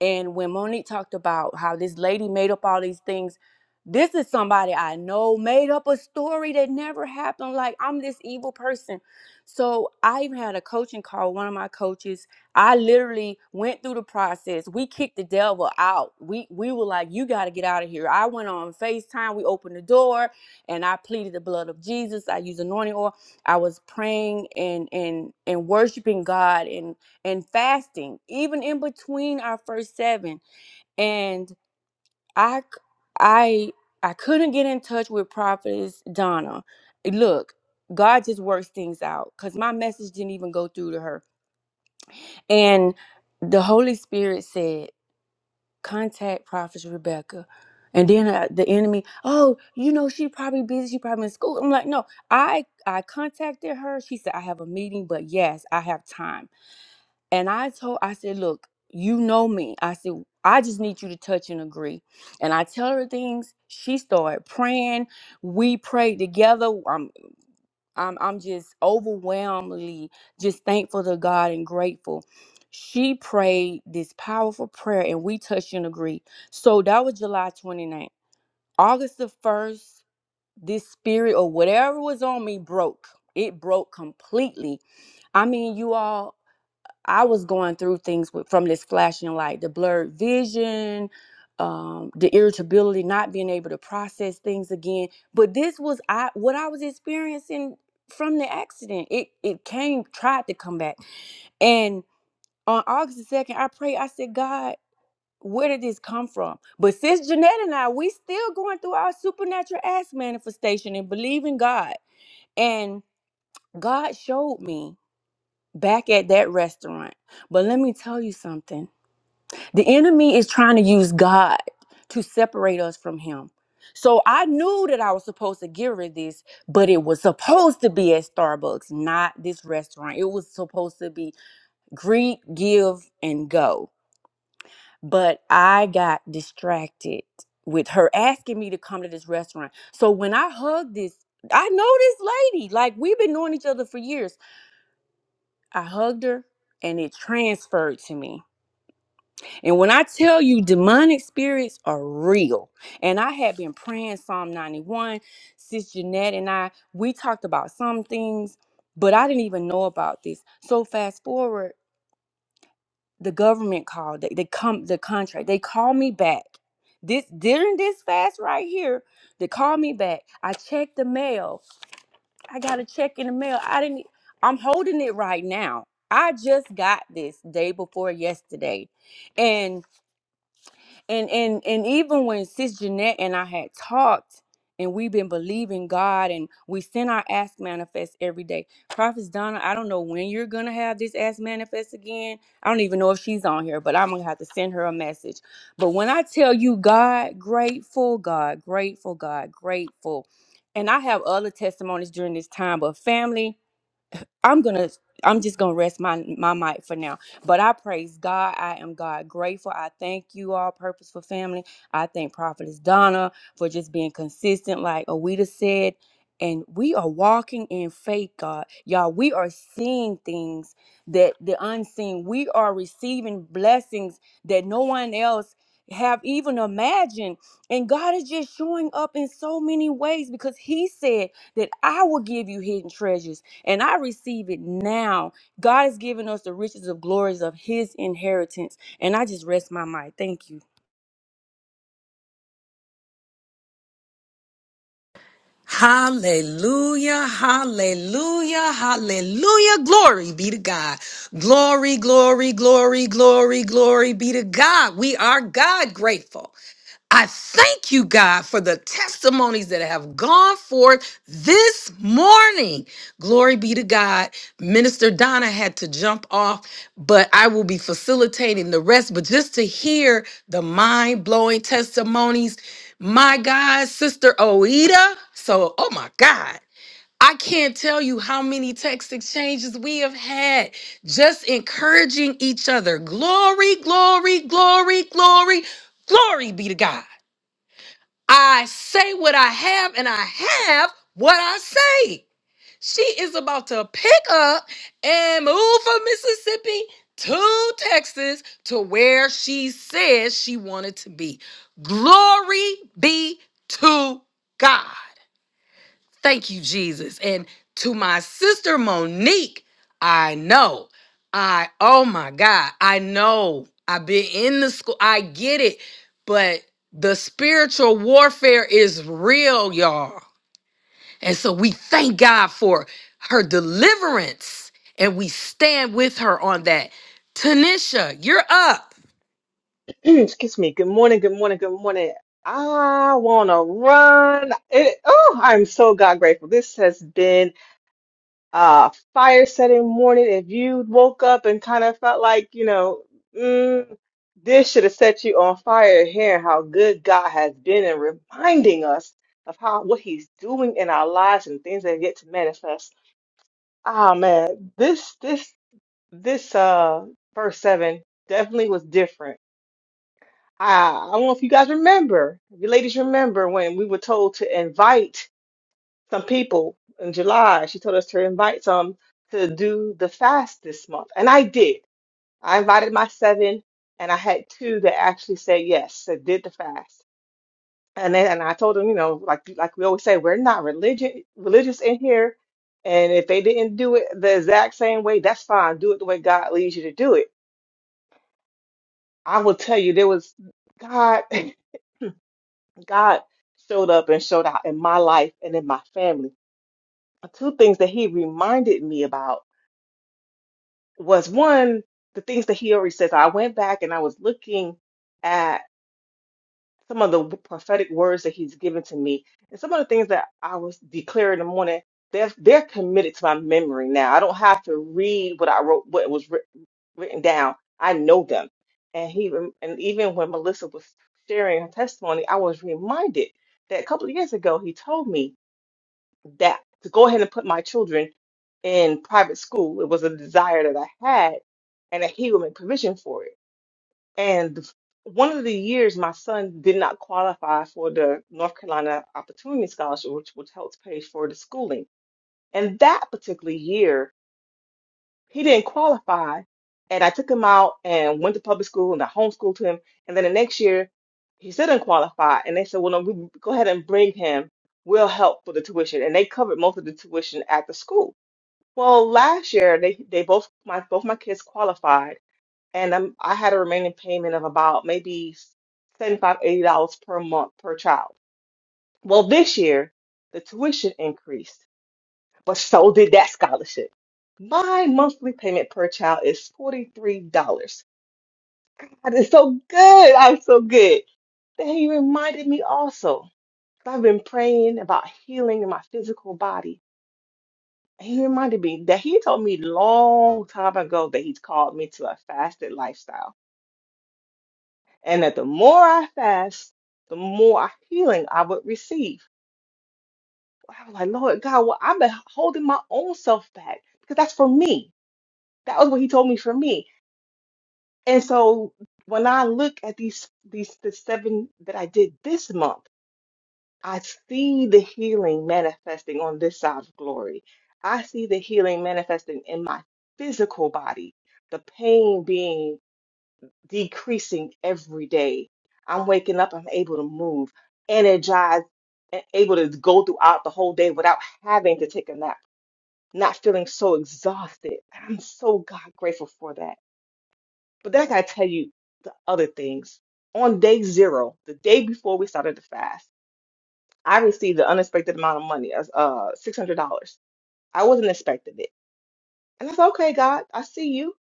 K: and when Monique talked about how this lady made up all these things, this is somebody I know made up a story that never happened. Like, I'm this evil person. So, I even had a coaching call, one of my coaches. I literally went through the process. We kicked the devil out. We we were like, you got to get out of here. I went on FaceTime. We opened the door and I pleaded the blood of Jesus. I used anointing oil. I was praying and and and worshiping God. and and fasting even in between our first seven and i c- i i couldn't get in touch with prophetess donna look god just works things out because my message didn't even go through to her and the holy spirit said contact prophetess rebecca and then uh, the enemy oh you know she probably busy she probably in school i'm like no i i contacted her she said i have a meeting but yes i have time And I told, I said, look, you know me. I said, I just need you to touch and agree. And I tell her things. She started praying. We prayed together. I'm, I'm, I'm just overwhelmingly just thankful to God and grateful. She prayed this powerful prayer and we touched and agreed. So that was July 29th. August the 1st, this spirit or whatever was on me broke. It broke completely. I mean, you all. I was going through things with, from this flashing light, the blurred vision, um, the irritability, not being able to process things again. But this was I what I was experiencing from the accident. It it came, tried to come back. And on August the second, I prayed. I said, God, where did this come from? But since Jeanette and I, we still going through our supernatural ass manifestation and believing God. And God showed me back at that restaurant. But let me tell you something The enemy is trying to use God to separate us from Him. So I knew that I was supposed to give her this, but it was supposed to be at Starbucks, not this restaurant. It was supposed to be greet, give, and go. But I got distracted with her asking me to come to this restaurant. So when I hugged this, I know this lady, like we've been knowing each other for years. I hugged her and it transferred to me. And when I tell you demonic spirits are real, and I had been praying Psalm 91, Sis Jeanette and I, we talked about some things, but I didn't even know about this. So fast forward, the government called, they, they come the contract, they called me back. This during this fast right here, they called me back. I checked the mail. I got a check in the mail. I didn't e, I'm holding it right now. I just got this day before yesterday. And and and and even when sis Jeanette and I had talked and we've been believing God and we send our ask manifest every day. Prophet Donna, I don't know when you're gonna have this ask manifest again. I don't even know if she's on here, but I'm gonna have to send her a message. But when I tell you God, grateful, God, grateful, God, grateful. And I have other testimonies during this time, but family, I'm gonna I'm just gonna rest my my mic for now. But I praise God. I am God grateful. I thank you all, purposeful family. I thank Prophetess Donna for just being consistent, like Awita said. And we are walking in faith, God. Y'all, we are seeing things that the unseen. We are receiving blessings that no one else have even imagined. And God is just showing up in so many ways because He said that I will give you hidden treasures. And I receive it now. God has given us the riches of glories of his inheritance. And I just rest my mind. Thank you.
B: Hallelujah, hallelujah, hallelujah. Glory be to God. Glory, glory, glory, glory, glory be to God. We are God grateful. I thank you, God, for the testimonies that have gone forth this morning. Glory be to God. Minister Donna had to jump off, but I will be facilitating the rest. But just to hear the mind blowing testimonies, my God, Sister Oida. So, oh my God. I can't tell you how many text exchanges we have had just encouraging each other. Glory, glory, glory, glory, glory be to God. I say what I have, and I have what I say. She is about to pick up and move from Mississippi to Texas to where she says she wanted to be. Glory be to God. Thank you, Jesus. And to my sister Monique, I know. I, oh my God, I know. I've been in the school. I get it. But the spiritual warfare is real, y'all. And so we thank God for her deliverance and we stand with her on that. Tanisha, you're up.
M: [clears throat] Excuse me. Good morning. Good morning. Good morning. I wanna run. It, oh, I'm so God grateful. This has been a fire setting morning. If you woke up and kind of felt like you know, mm, this should have set you on fire. Hearing how good God has been and reminding us of how what He's doing in our lives and things that are yet to manifest. Ah, man, this this this uh verse seven definitely was different I, I don't know if you guys remember, if you ladies remember when we were told to invite some people in July. She told us to invite some to do the fast this month. And I did. I invited my seven and I had two that actually said yes, that did the fast. And then and I told them, you know, like like we always say, we're not religion religious in here. And if they didn't do it the exact same way, that's fine. Do it the way God leads you to do it. I will tell you, there was God. [laughs] God showed up and showed out in my life and in my family. Two things that he reminded me about was one, the things that he already says. I went back and I was looking at some of the prophetic words that he's given to me and some of the things that I was declaring in the morning. They're, they're committed to my memory now. I don't have to read what I wrote, what was writ- written down. I know them. And he rem- and even when Melissa was sharing her testimony, I was reminded that a couple of years ago he told me that to go ahead and put my children in private school. It was a desire that I had, and that he would make provision for it. And the- one of the years, my son did not qualify for the North Carolina Opportunity Scholarship, which, which helps pay for the schooling. And that particular year, he didn't qualify. And I took him out and went to public school and I homeschooled him. And then the next year, he still didn't qualify. And they said, well, no, we go ahead and bring him. We'll help for the tuition. And they covered most of the tuition at the school. Well, last year, they, they both, my, both my kids qualified. And i I had a remaining payment of about maybe seventy five, eighty dollars per month per child. Well, this year, the tuition increased but so did that scholarship. My monthly payment per child is $43. God is so good. I'm so good. Then he reminded me also, 'cause I've been praying about healing in my physical body. And he reminded me that he told me long time ago that he's called me to a fasted lifestyle. And that the more I fast, the more healing I would receive. I was like, Lord God, well, I've been holding my own self back because that's for me. That was what he told me for me. And so when I look at these these the seven that I did this month, I see the healing manifesting on this side of glory. I see the healing manifesting in my physical body, the pain being decreasing every day. I'm waking up, I'm able to move, energized, and able to go throughout the whole day without having to take a nap, not feeling so exhausted. I'm so God grateful for that. But then I gotta tell you the other things. On day zero, the day before we started the fast, I received an unexpected amount of money, as uh six hundred dollars. I wasn't expecting it, and I said, "Okay, God, I see you."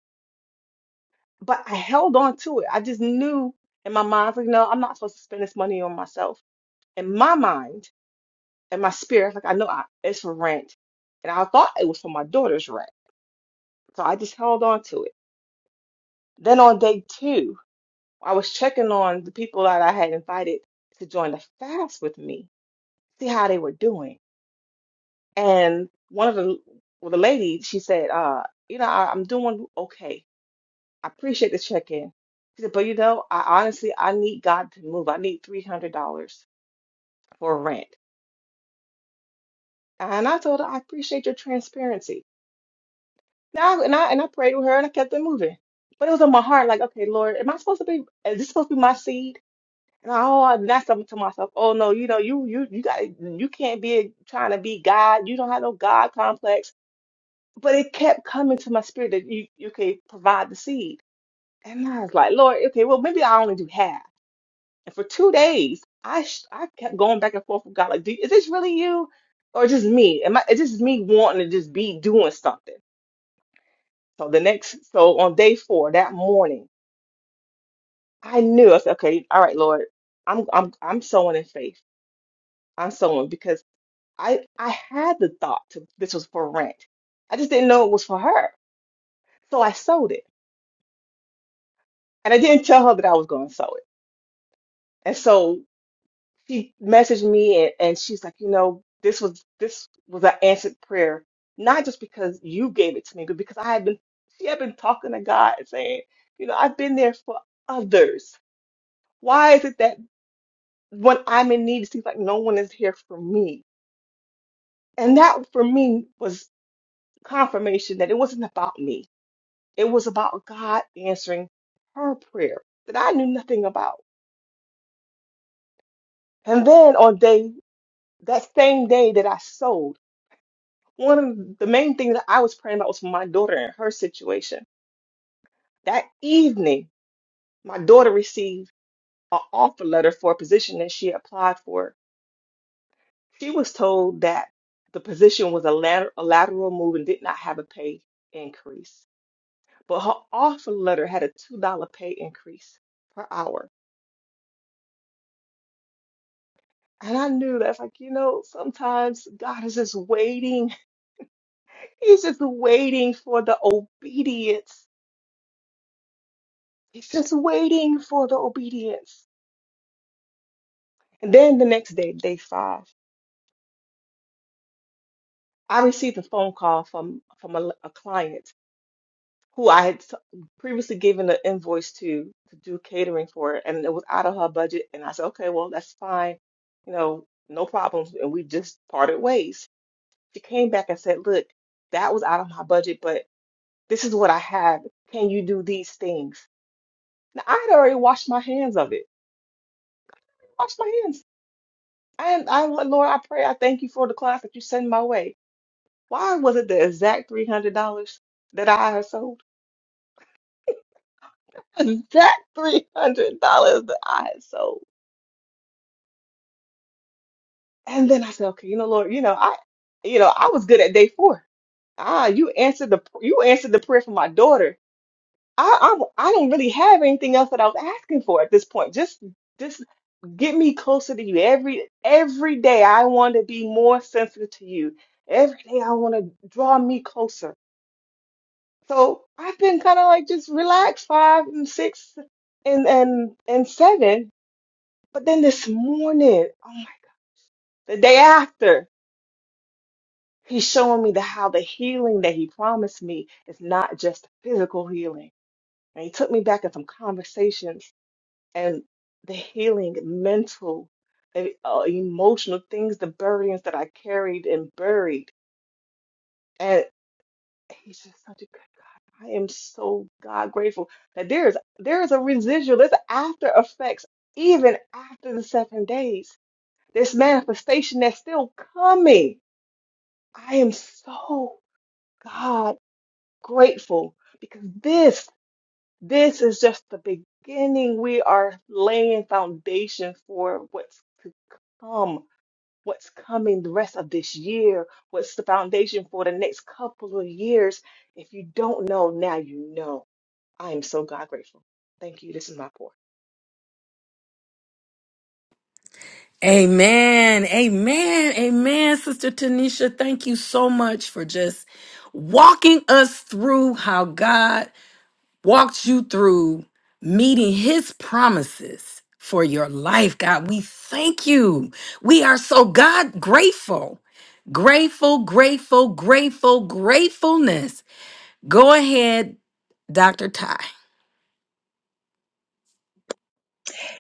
M: But I held on to it. I just knew in my mind, I was like, "No, I'm not supposed to spend this money on myself." In my mind and my spirit, like I know I, it's for rent, and I thought it was for my daughter's rent, so I just held on to it. Then on day two. I was checking on the people that I had invited to join the fast with me, see how they were doing. And one of the well, the lady, she said, uh, you know, I, I'm doing okay. I appreciate the check-in. She said, but you know, I honestly I need God to move. I need $300 for rent. And I told her, I appreciate your transparency. Now, and I and I prayed with her and I kept it moving. But it was in my heart, like, okay, Lord, am I supposed to be? Is this supposed to be my seed? And Oh, and that's something to myself. Oh no, you know, you you you got you can't be trying to be God. You don't have no God complex. But it kept coming to my spirit that you you can provide the seed, and I was like, Lord, okay, well maybe I only do half. And for two days, I sh I kept going back and forth with God, like, do, is this really you, or just me? Am I? Is this me wanting to just be doing something? So the next, so on day four that morning, I knew I said, okay, all right, Lord, I'm I'm I'm sowing in faith. I'm sowing because. I I had the thought to this was for rent. I just didn't know it was for her. So I sold it. And I didn't tell her that I was going to sell it. And so she messaged me and, and she's like, you know, this was this was an answered prayer, not just because you gave it to me, but because I had been she had been talking to God and saying, you know, I've been there for others. Why is it that when I'm in need, it seems like no one is here for me? And that for me was confirmation that it wasn't about me It was about God answering her prayer that I knew nothing about. And then on day that same day that I sold, one of the main things that I was praying about was for my daughter and her situation. That evening, my daughter received an offer letter for a position that she applied for. She was told that the position was a lateral, a lateral move and did not have a pay increase. But her offer letter had a $2 pay increase per hour. And I knew that's like, you know, sometimes God is just waiting. [laughs] He's just waiting for the obedience. He's just waiting for the obedience. And then the next day, day five, I received a phone call from from a, a client who I had s- previously given an invoice to to do catering for, and it was out of her budget. And I said, okay, well, that's fine, you know, no problems. And we just parted ways. She came back and said, look, that was out of my budget, but This is what I have. Can you do these things? Now, I had already washed my hands of it. Washed my hands. And I, Lord, I pray, I thank you for the class that you send my way. Why was it the exact $300 that I had sold? [laughs] Exact $300 that I had sold. And then I said, okay, you know, Lord, you know, I, you know, I was good at day four. Ah, you answered the you answered the prayer for my daughter. I I, I don't really have anything else that I was asking for at this point. Just this Get me closer to you. Every every day I want to be more sensitive to you. Every day I want to draw me closer. So I've been kind of like just relaxed five and six and and and seven. But then this morning, oh my God, the day after, he's showing me the how the healing that he promised me is not just physical healing. And he took me back in some conversations and the healing, mental, e- uh, emotional things, the burdens that I carried and buried. And he's just such a good God. I am so God grateful that there is there is a residual, there's after effects even after the seven days. This manifestation that's still coming. I am so God grateful because this This is just the beginning. We are laying foundation for what's to come, what's coming the rest of this year, what's the foundation for the next couple of years. If you don't know, now you know. I am so God grateful. Thank you. This is my pour.
B: Amen. Amen. Amen. Sister Tanisha, thank you so much for just walking us through how God walked you through meeting his promises for your life. God, we thank you. We are so God grateful. Grateful, grateful, grateful, gratefulness. Go ahead, Dr. Ty.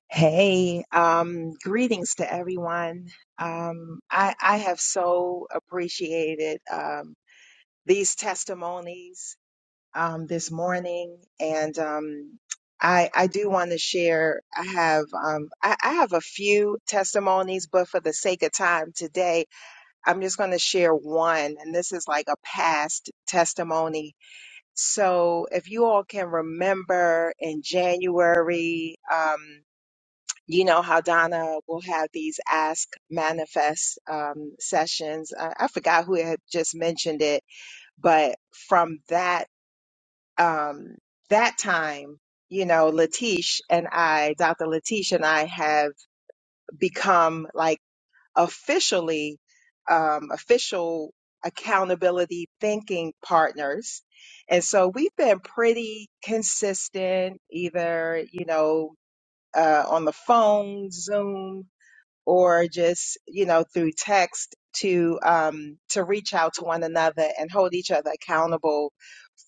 N: Hey, um, greetings to everyone. Um, I, I have so appreciated um, these testimonies um, this morning, and um, I, I do want to share. I have um, I, I have a few testimonies, but for the sake of time today, I'm just going to share one, and this is like a past testimony. So, if you all can remember in January. Um, you know how Donna will have these ask manifest um, sessions. I, I forgot who had just mentioned it, but from that um, that time, you know, Latish and I, Dr. Latish and I, have become like officially um, official accountability thinking partners. And so we've been pretty consistent, either, you know, uh, on the phone, Zoom, or just you know through text to um, to reach out to one another and hold each other accountable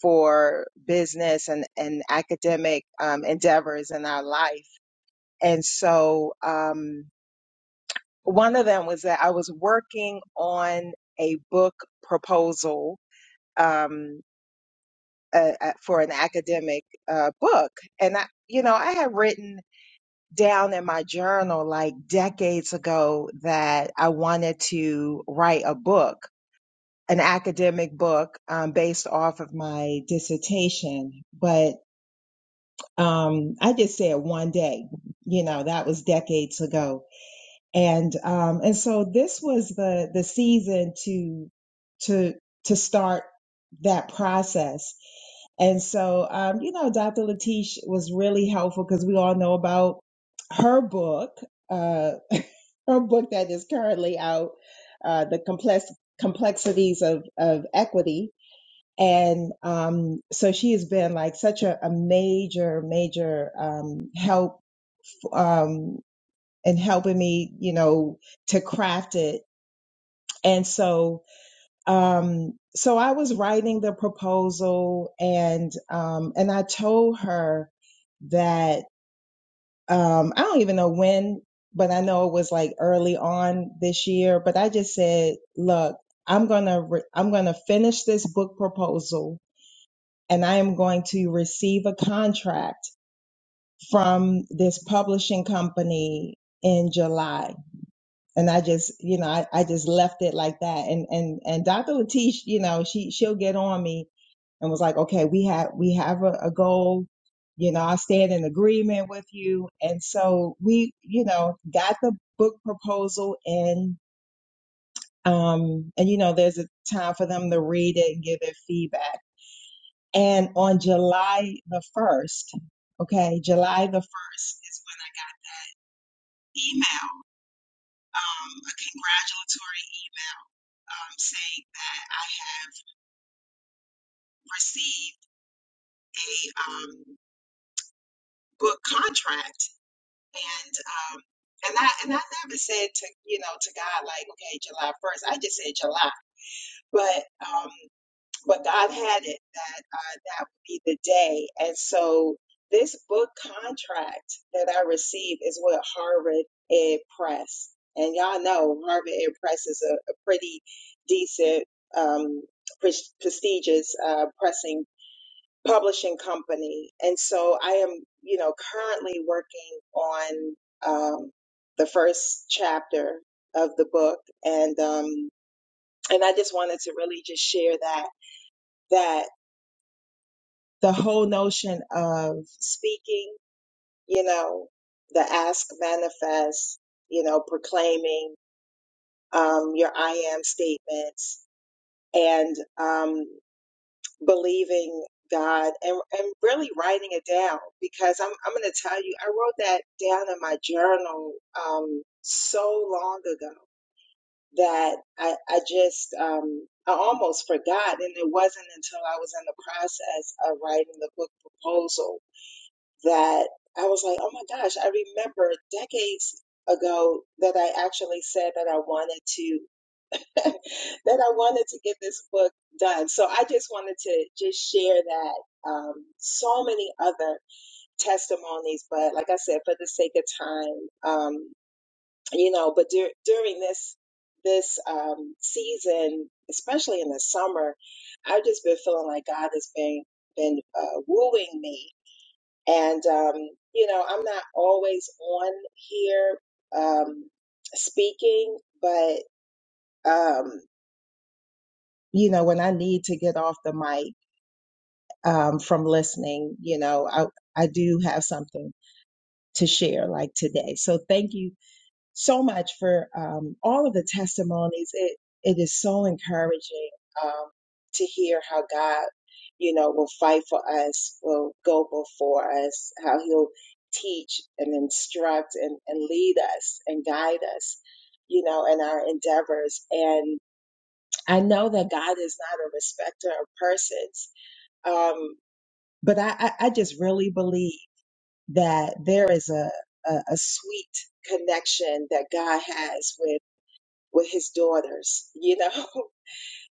N: for business and and academic um, endeavors in our life. And so um, one of them was that I was working on a book proposal um, uh, uh, for an academic uh, book, and I you know I had written. down in my journal like decades ago that I wanted to write a book, an academic book um, based off of my dissertation. But um, I just said one day, you know, that was decades ago and um and so this was the the season to to to start that process and so um you know dr latish was really helpful because we all know about her book uh [laughs] her book that is currently out uh the complex complexities of of equity and um so she has been like such a, a major major um help um and helping me, you know, to craft it. And so, um, so I was writing the proposal and, um, and I told her that, um, I don't even know when, but I know it was like early on this year, but I just said, look, I'm going to, re- I'm going to finish this book proposal and I am going to receive a contract from this publishing company in July and I just, you know, I, I just left it like that. And and and Dr. Latish, you know, she she'll get on me and was like, okay, we have we have a, a goal. You know, I stand in agreement with you. And so we, you know, got the book proposal in. Um, and you know, there's a time for them to read it and give their feedback. And on July the first, okay, July the first is when I got an email, um, a congratulatory email um, saying that I have received a um, book contract, and um, and I and I never said to you know to God like okay July first. I just said July, but um, but God had it that uh, that would be the day, and so this book contract that I received is with Harvard Ed Press. And y'all know Harvard Ed Press is a, a pretty decent um, pres- prestigious uh, pressing publishing company. And so I am, you know, currently working on um, the first chapter of the book, and um, and I just wanted to really just share that that the whole notion of speaking, you know, the ask manifest, you know, proclaiming um, your I am statements, and um, believing God and, and really writing it down because I'm, I'm going to tell you, I wrote that down in my journal um, so long ago that I, I just, um, I almost forgot. And it wasn't until I was in the process of writing the book proposal that I was like, oh my gosh, I remember decades ago that I actually said that I wanted to. [laughs] that I wanted to get this book done. So I just wanted to just share that. Um, so many other testimonies, but like I said, for the sake of time, um, you know, but dur- during this this um, season, especially in the summer, I've just been feeling like God has been been uh, wooing me, and um, you know, I'm not always on here um, speaking, but. Um, you know, when I need to get off the mic um, from listening, you know, I, I do have something to share like today. So thank you so much for um, all of the testimonies. It, it is so encouraging um, to hear how God, you know, will fight for us, will go before us, how he'll teach and instruct and, and lead us and guide us, you know, in our endeavors. And I know that God is not a respecter of persons um, but I, I, I just really believe that there is a, a, a sweet connection that God has with, with his daughters, you know? [laughs]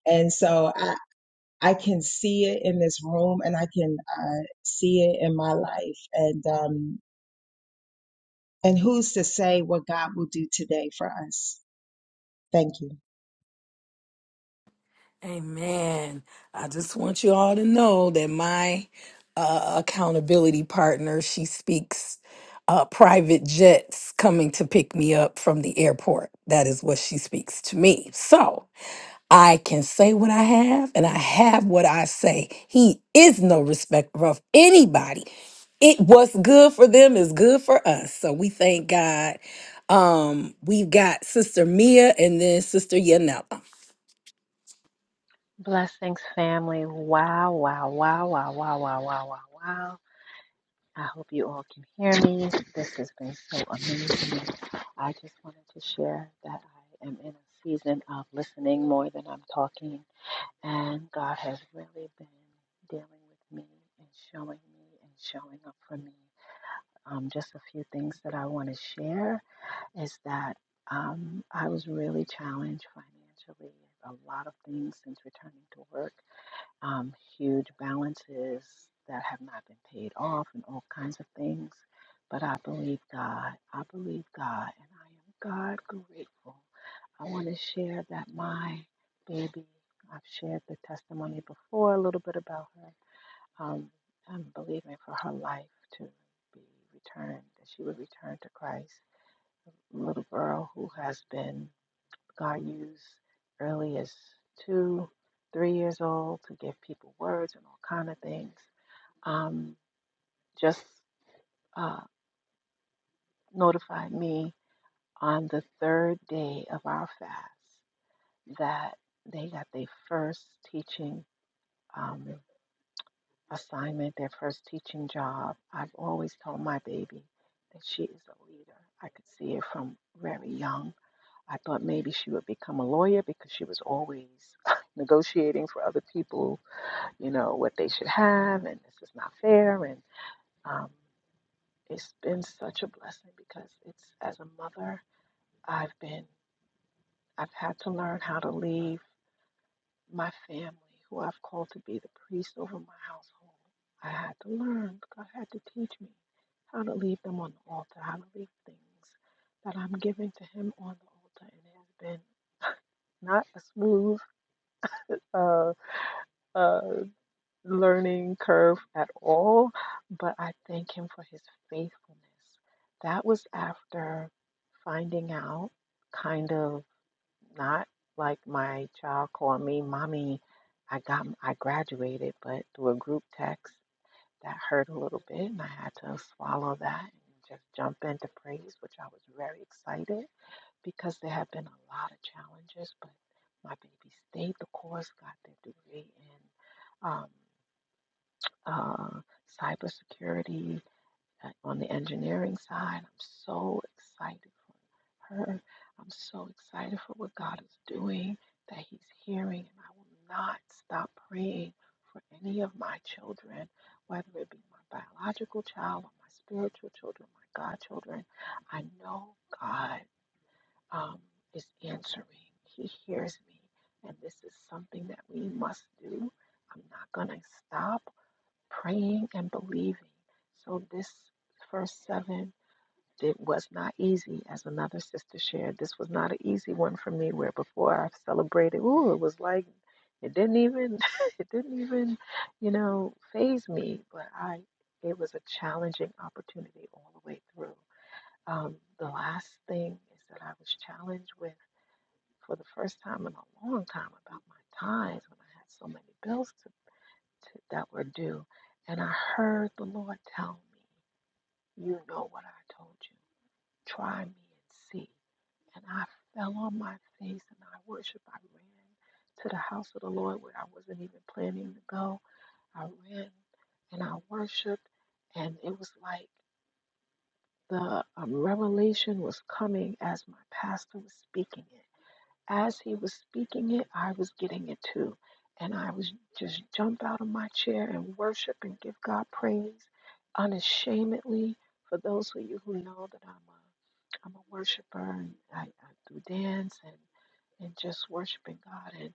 N: And so I, I can see it in this room and I can uh, see it in my life. And, um, and who's to say what God will do today for us? Thank you.
B: Amen. I just want you all to know that my uh, accountability partner, she speaks uh, private jets coming to pick me up from the airport. That is what she speaks to me. So I can say what I have and I have what I say. He is no respecter of anybody. It what's good for them is good for us. So we thank God. Um, we've got Sister Mia and then Sister Yanela.
O: Blessings, family. Wow, wow, wow, wow, wow, wow, wow, wow, wow. I hope you all can hear me. This has been so amazing. I just wanted to share that I am in a season of listening more than I'm talking, and God has really been dealing with me and showing me and showing up for me. Um, just a few things that I want to share is that um, I was really challenged financially, a lot of things since returning to work um, huge balances that have not been paid off and all kinds of things. But I believe God. I believe God. And I am God grateful. I want to share that my baby, I've shared the testimony before a little bit about her. Um, I'm believing for her life to be returned, that she would return to Christ. Little girl who has been God used early as two, three years old to give people words and all kind of things. Um, just uh, notified me on the third day of our fast that they got their first teaching um, assignment, their first teaching job. I've always told my baby that she is a leader. I could see it from very young. I thought maybe she would become a lawyer because she was always [laughs] negotiating for other people you know, what they should have, and this is not fair. And um, it's been such a blessing because it's as a mother, I've been, I've had to learn how to leave my family, who I've called to be the priest over my household. I had to learn, God had to teach me how to leave them on the altar, how to leave things that I'm giving to Him on the altar. And it has been not a smooth, uh, uh, learning curve at all, but I thank him for his faithfulness. That was after finding out, kind of not like my child called me, Mommy, I got I graduated, but through a group text that hurt a little bit, and I had to swallow that and just jump into praise, which I was very excited because there have been a lot of challenges, but my baby stayed the course, got their degree, and um uh, cybersecurity uh, on the engineering side. I'm so excited for her. I'm so excited for what God is doing, that He's hearing, and I will not stop praying for any of my children, whether it be my biological child or my spiritual children, my godchildren. I know God um, is answering. He hears me, and this is something that we must do. I'm not going to stop praying and believing. So this first seven it was not easy, as another sister shared. This was not an easy one for me. Where before I celebrated, ooh, it was like it didn't even, [laughs] it didn't even, you know, phase me. But I, it was a challenging opportunity all the way through. Um, the last thing is that I was challenged with for the first time in a long time about my tithes when I had so many bills to that were due. And I heard the Lord tell me, You know what I told you. Try me and see. And I fell on my face and I worshiped. I ran to the house of the Lord where I wasn't even planning to go. I ran and I worshiped. And it was like the um, revelation was coming as my pastor was speaking it. As he was speaking it, I was getting it too. And I was just jump out of my chair and worship and give God praise unashamedly. For those of you who know that I'm a I'm a worshiper and I, I do dance and and just worshiping God and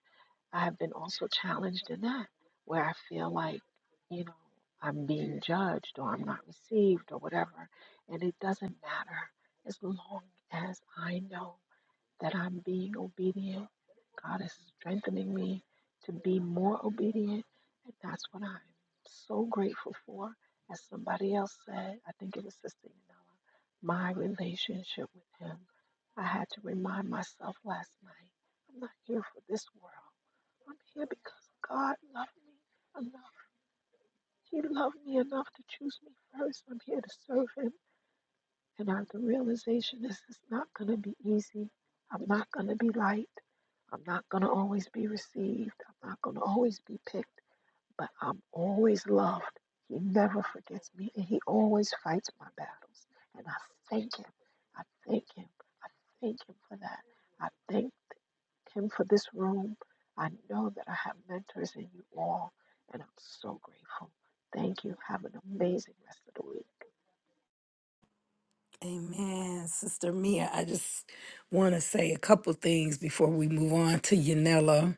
O: I have been also challenged in that where I feel like, you know, I'm being judged or I'm not received or whatever. And it doesn't matter as long as I know that I'm being obedient. God is strengthening me to be more obedient. And that's what I'm so grateful for. As somebody else said, I think it was Sister Yanela, my relationship with Him. I had to remind myself last night I'm not here for this world. I'm here because God loved me enough. He loved me enough to choose me first. I'm here to serve Him. And I, the realization is it's not going to be easy. I'm not going to be liked. I'm not going to always be received. I'm not going to always be picked, but I'm always loved. He never forgets me and he always fights my battles. And I thank him. I thank him. I thank him for that. I thank him for this room. I know that I have mentors in you all, and I'm so grateful. Thank you. Have an amazing rest of the week.
B: Amen. Sister Mia, I just want to say a couple things before we move on to Yanela.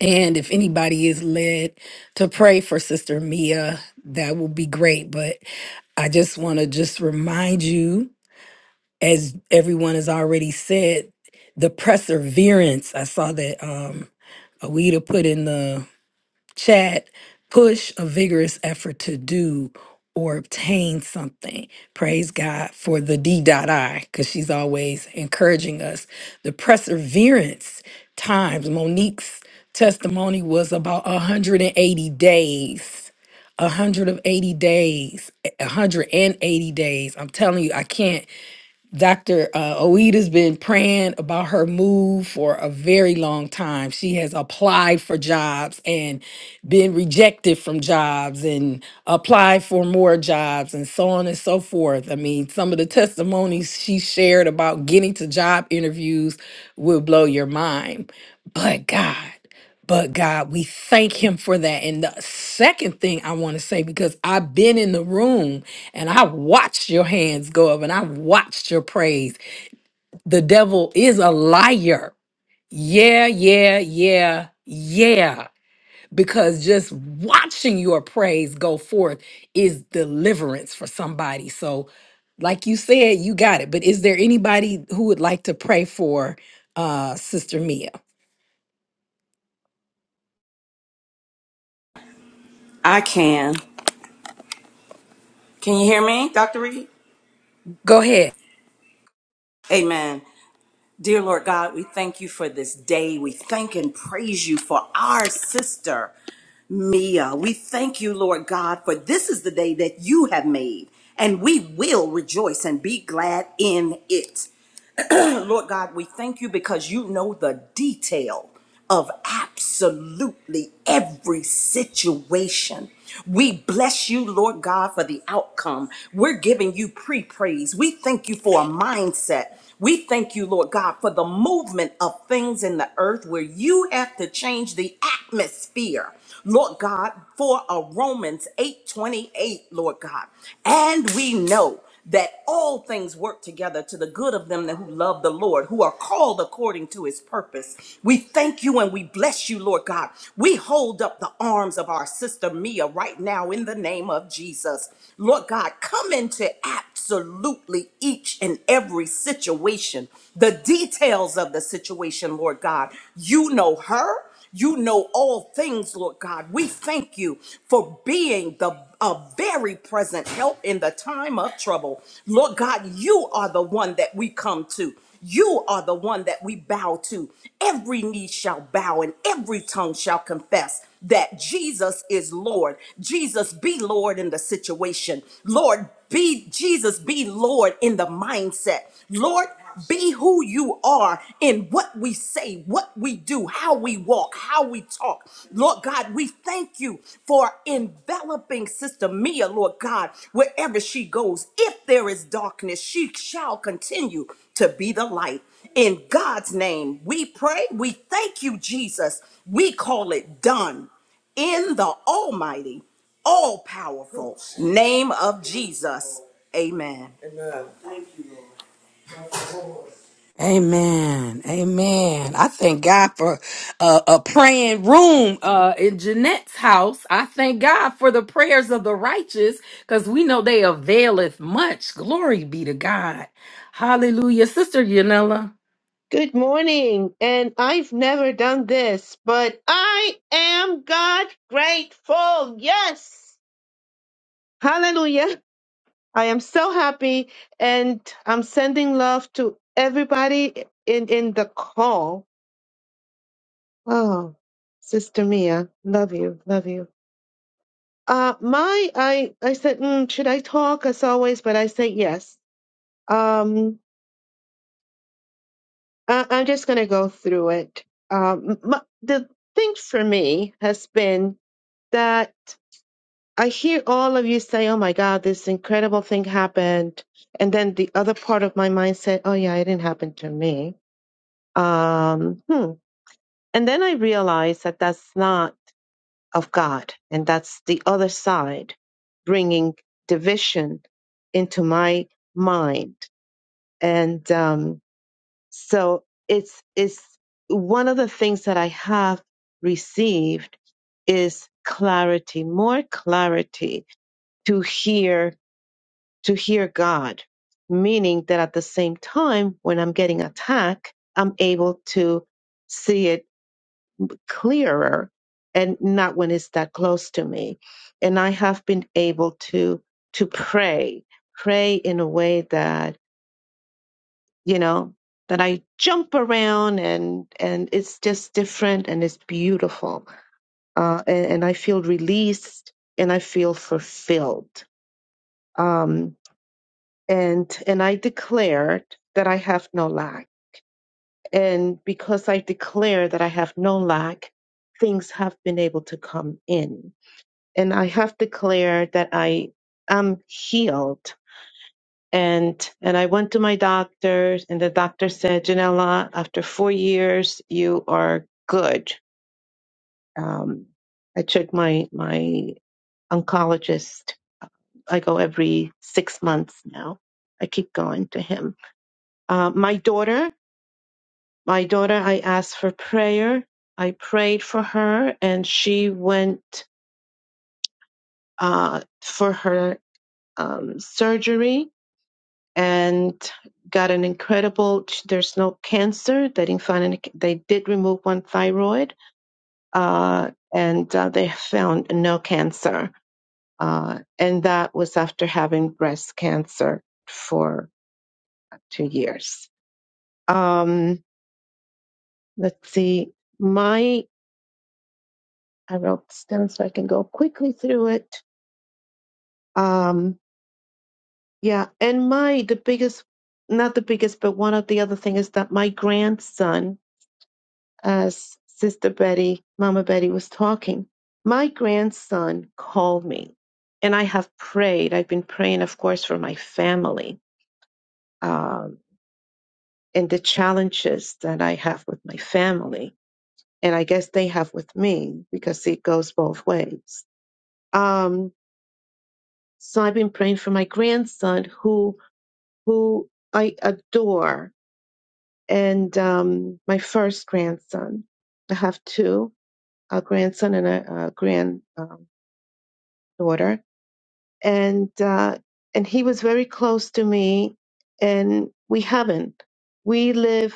B: And if anybody is led to pray for Sister Mia, that will be great. But I just want to just remind you, as everyone has already said, the perseverance. I saw that um Awida put in the chat push a vigorous effort to do or obtain something praise god for the d dot i because she's always encouraging us the perseverance times monique's testimony was about 180 days 180 days 180 days i'm telling you i can't Dr. Uh, Oeda's been praying about her move for a very long time. She has applied for jobs and been rejected from jobs and applied for more jobs and so on and so forth. I mean, some of the testimonies she shared about getting to job interviews will blow your mind. But God, but God, we thank Him for that. And the second thing I want to say, because I've been in the room and I watched your hands go up and I watched your praise. The devil is a liar. Yeah, yeah, yeah, yeah. Because just watching your praise go forth is deliverance for somebody. So, like you said, you got it. But is there anybody who would like to pray for uh, Sister Mia?
E: I can. Can you hear me, Dr. Reed?
B: Go ahead.
E: Amen. Dear Lord God, we thank you for this day. We thank and praise you for our sister, Mia. We thank you, Lord God, for this is the day that you have made, and we will rejoice and be glad in it. [clears throat] Lord God, we thank you because you know the detail of absolutely every situation. We bless you, Lord God, for the outcome. We're giving you pre praise. We thank you for a mindset. We thank you, Lord God, for the movement of things in the earth where you have to change the atmosphere. Lord God, for a Romans 8:28, Lord God. And we know that all things work together to the good of them that who love the Lord, who are called according to his purpose. We thank you and we bless you, Lord God. We hold up the arms of our sister Mia right now in the name of Jesus. Lord God, come into absolutely each and every situation, the details of the situation, Lord God. You know her. You know all things, Lord God. We thank you for being the a very present help in the time of trouble. Lord God, you are the one that we come to. You are the one that we bow to. Every knee shall bow and every tongue shall confess that Jesus is Lord. Jesus be Lord in the situation. Lord, be Jesus be Lord in the mindset. Lord, be who you are in what we say, what we do, how we walk, how we talk. Lord God, we thank you for enveloping Sister Mia, Lord God, wherever she goes. If there is darkness, she shall continue to be the light. In God's name, we pray. We thank you, Jesus. We call it done in the almighty, all powerful name of Jesus. Amen.
B: Amen. Amen. I thank God for uh, a praying room uh, in Jeanette's house. I thank God for the prayers of the righteous because we know they availeth much. Glory be to God. Hallelujah. Sister Yanela.
P: Good morning, and I've never done this, but I am God grateful. Yes. Hallelujah. I am so happy, and I'm sending love to everybody in, in the call. Oh, Sister Mia, love you, love you. Uh, my, I, I said, mm, should I talk as always? But I say yes. Um, I, I'm just gonna go through it. Um, my, the thing for me has been that I hear all of you say, oh my God, this incredible thing happened. And then the other part of my mind said, oh yeah, it didn't happen to me. Um, hmm. And then I realized that that's not of God. And that's the other side bringing division into my mind. And um, so it's, it's one of the things that I have received is clarity, more clarity to hear to hear God, meaning that at the same time when I'm getting attacked, I'm able to see it clearer and not when it's that close to me. And I have been able to to pray, pray in a way that, you know, that I jump around and and it's just different and it's beautiful. Uh, and, and I feel released and I feel fulfilled. Um, and and I declared that I have no lack. And because I declare that I have no lack, things have been able to come in. And I have declared that I am healed. And and I went to my doctor, and the doctor said, Janella, after four years, you are good. Um, I check my my oncologist. I go every six months now. I keep going to him uh, my daughter. My daughter, I asked for prayer. I prayed for her and she went uh, for her um, surgery and got an incredible, there's no cancer. They didn't find any, they did remove one thyroid uh, and uh, they found no cancer. Uh, and that was after having breast cancer for two years. Um, let's see, my, I wrote this down so I can go quickly through it Um, yeah, and my the biggest, not the biggest, but one of the other thing is that my grandson, as Sister Betty, Mama Betty was talking, my grandson called me, and I have prayed. I've been praying, of course, for my family um, and the challenges that I have with my family, and I guess they have with me because it goes both ways. Um, so I've been praying for my grandson, who who I adore and um, my first grandson. I have two, a grandson and a, a granddaughter, um, and uh, and he was very close to me, and we haven't. We live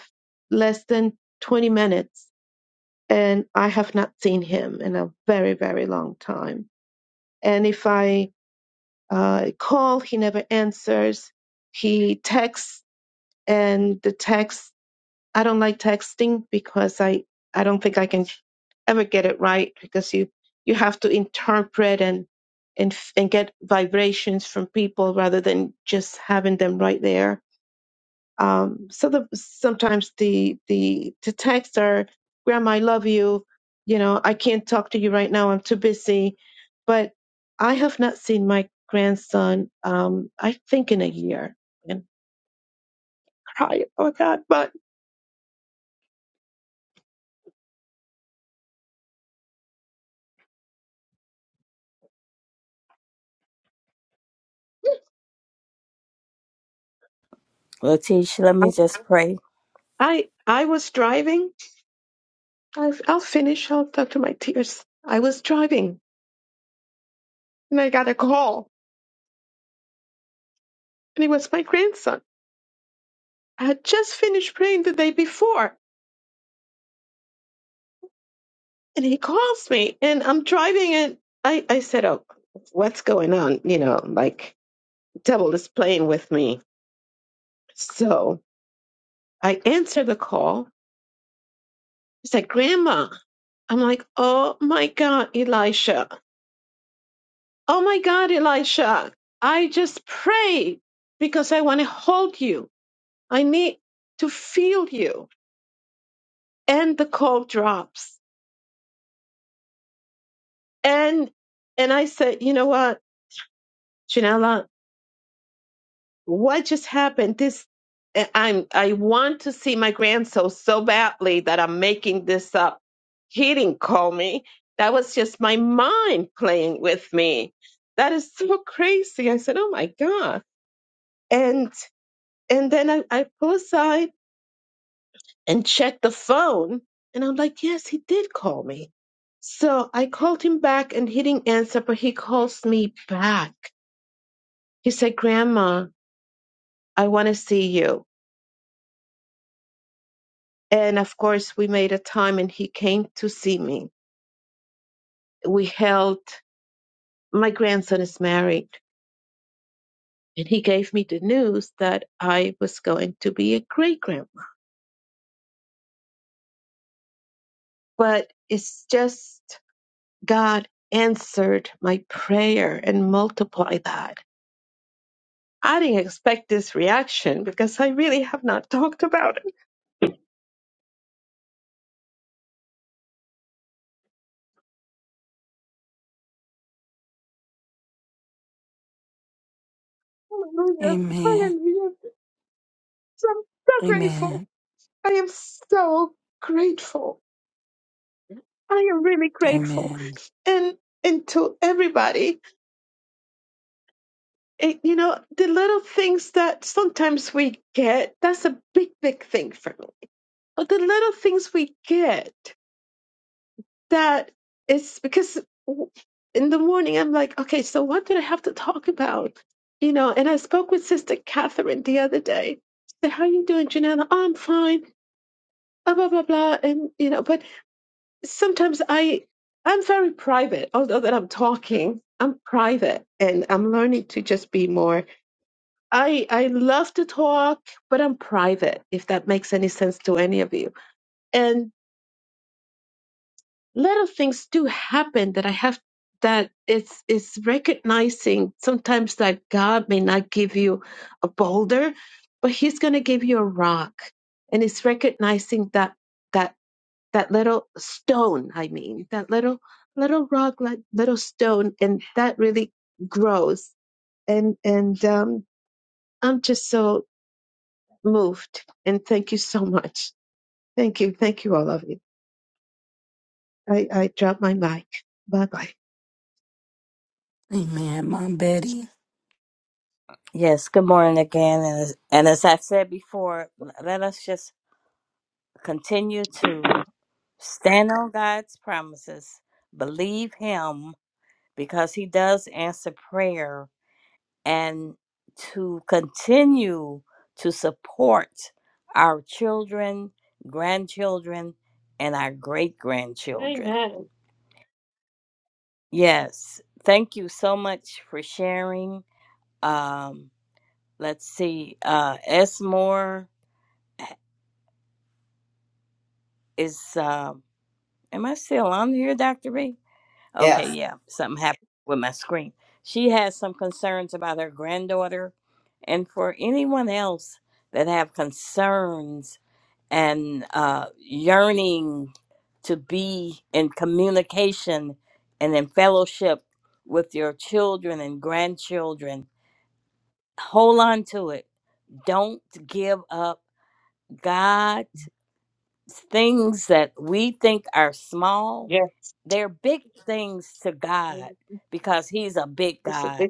P: less than twenty minutes, and I have not seen him in a very very long time. And if I uh, call, he never answers. He texts, and the text I don't like texting because I I don't think I can ever get it right because you you have to interpret and and f- and get vibrations from people rather than just having them right there. Um, so the sometimes the the the texts are Grandma, I love you. You know, I can't talk to you right now. I'm too busy. But I have not seen my grandson. Um, I think in a year. And cry. Oh God! But
A: Letitia, let me just pray.
P: I I was driving I'll, I'll finish. I'll talk to my tears. I was driving and I got a call, and it was my grandson. I had just finished praying the day before, and he calls me, and I'm driving, and I, I said, Oh, what's going on? You know, like, devil is playing with me. So I answer the call. He said, Grandma. I'm like, Oh my God, Elisha. Oh my God, Elisha. I just prayed because I want to hold you. I need to feel you. And the call drops. And and I said, you know what, Janella, what just happened? This I- I'm I want to see my grandson so badly that I'm making this up. He didn't call me. That was just my mind playing with me. That is so crazy. I said, oh my God. And and then I, I pull aside and checked the phone. And I'm like, yes, he did call me. So I called him back and he didn't answer, but he calls me back. He said, Grandma, I want to see you. And of course, we made a time and he came to see me. We held, my grandson is married. And he gave me the news that I was going to be a great grandma. But it's just God answered my prayer and multiplied that I didn't expect this reaction because I really have not talked about it. Hallelujah.
B: Amen.
P: Hallelujah. So I'm so grateful.
B: Amen.
P: I am so grateful. I am really grateful.
B: Amen.
P: And and to everybody, it, you know, the little things that sometimes we get, that's a big, big thing for me. Or the little things we get that it's because w- in the morning I'm like, okay, so what did I have to talk about? You know, and I spoke with Sister Catherine the other day. She said, How are you doing, Janella? Oh, I'm fine. Blah blah blah blah. And you know, but sometimes I I'm very private, although that I'm talking. I'm private and I'm learning to just be more. I I love to talk, but I'm private, if that makes any sense to any of you and. little things do happen that I have that it's it's recognizing sometimes that God may not give you a boulder, but He's gonna give you a rock. And it's recognizing that that that little stone, I mean, that little little rock, like little stone, and that really grows. And and um I'm just so moved. And thank you so much. Thank you. Thank you all of you. I, I drop my mic. Bye
B: Amen. Mom Betty.
A: Yes, good morning again. And as, and as I've said before, let us just continue to
P: bye.
A: stand on God's promises, believe Him because He does answer prayer, and to continue to support our children, grandchildren, and our great grandchildren.
P: Amen.
A: Yes, thank you so much for sharing. Um, Let's see. Uh, S. Moore is. Uh, am I still on here, Doctor B?
E: Yes.
A: Okay, yeah. Something happened with my screen. She has some concerns about her granddaughter, and for anyone else that have concerns and uh, yearning to be in communication and in fellowship with your children and grandchildren, hold on to it. Don't give up. God things that we think are small, they're big things to God because He's a big God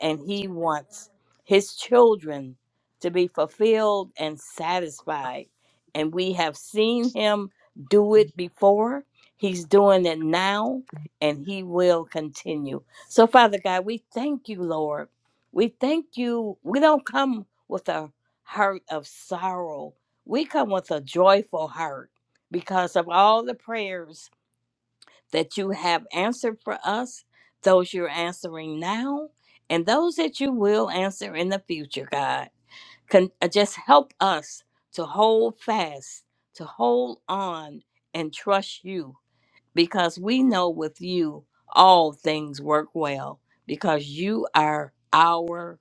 A: and He wants His children to be fulfilled and satisfied. And we have seen Him do it before, He's doing it now, and He will continue. So, Father God, we thank you, Lord. We thank you. We don't come with a heart of sorrow we come with a joyful heart because of all the prayers that you have answered for us, those you're answering now, and those that you will answer in the future, God. Con- uh, just help us to hold fast, to hold on, and trust you because we know with you all things work well because you are our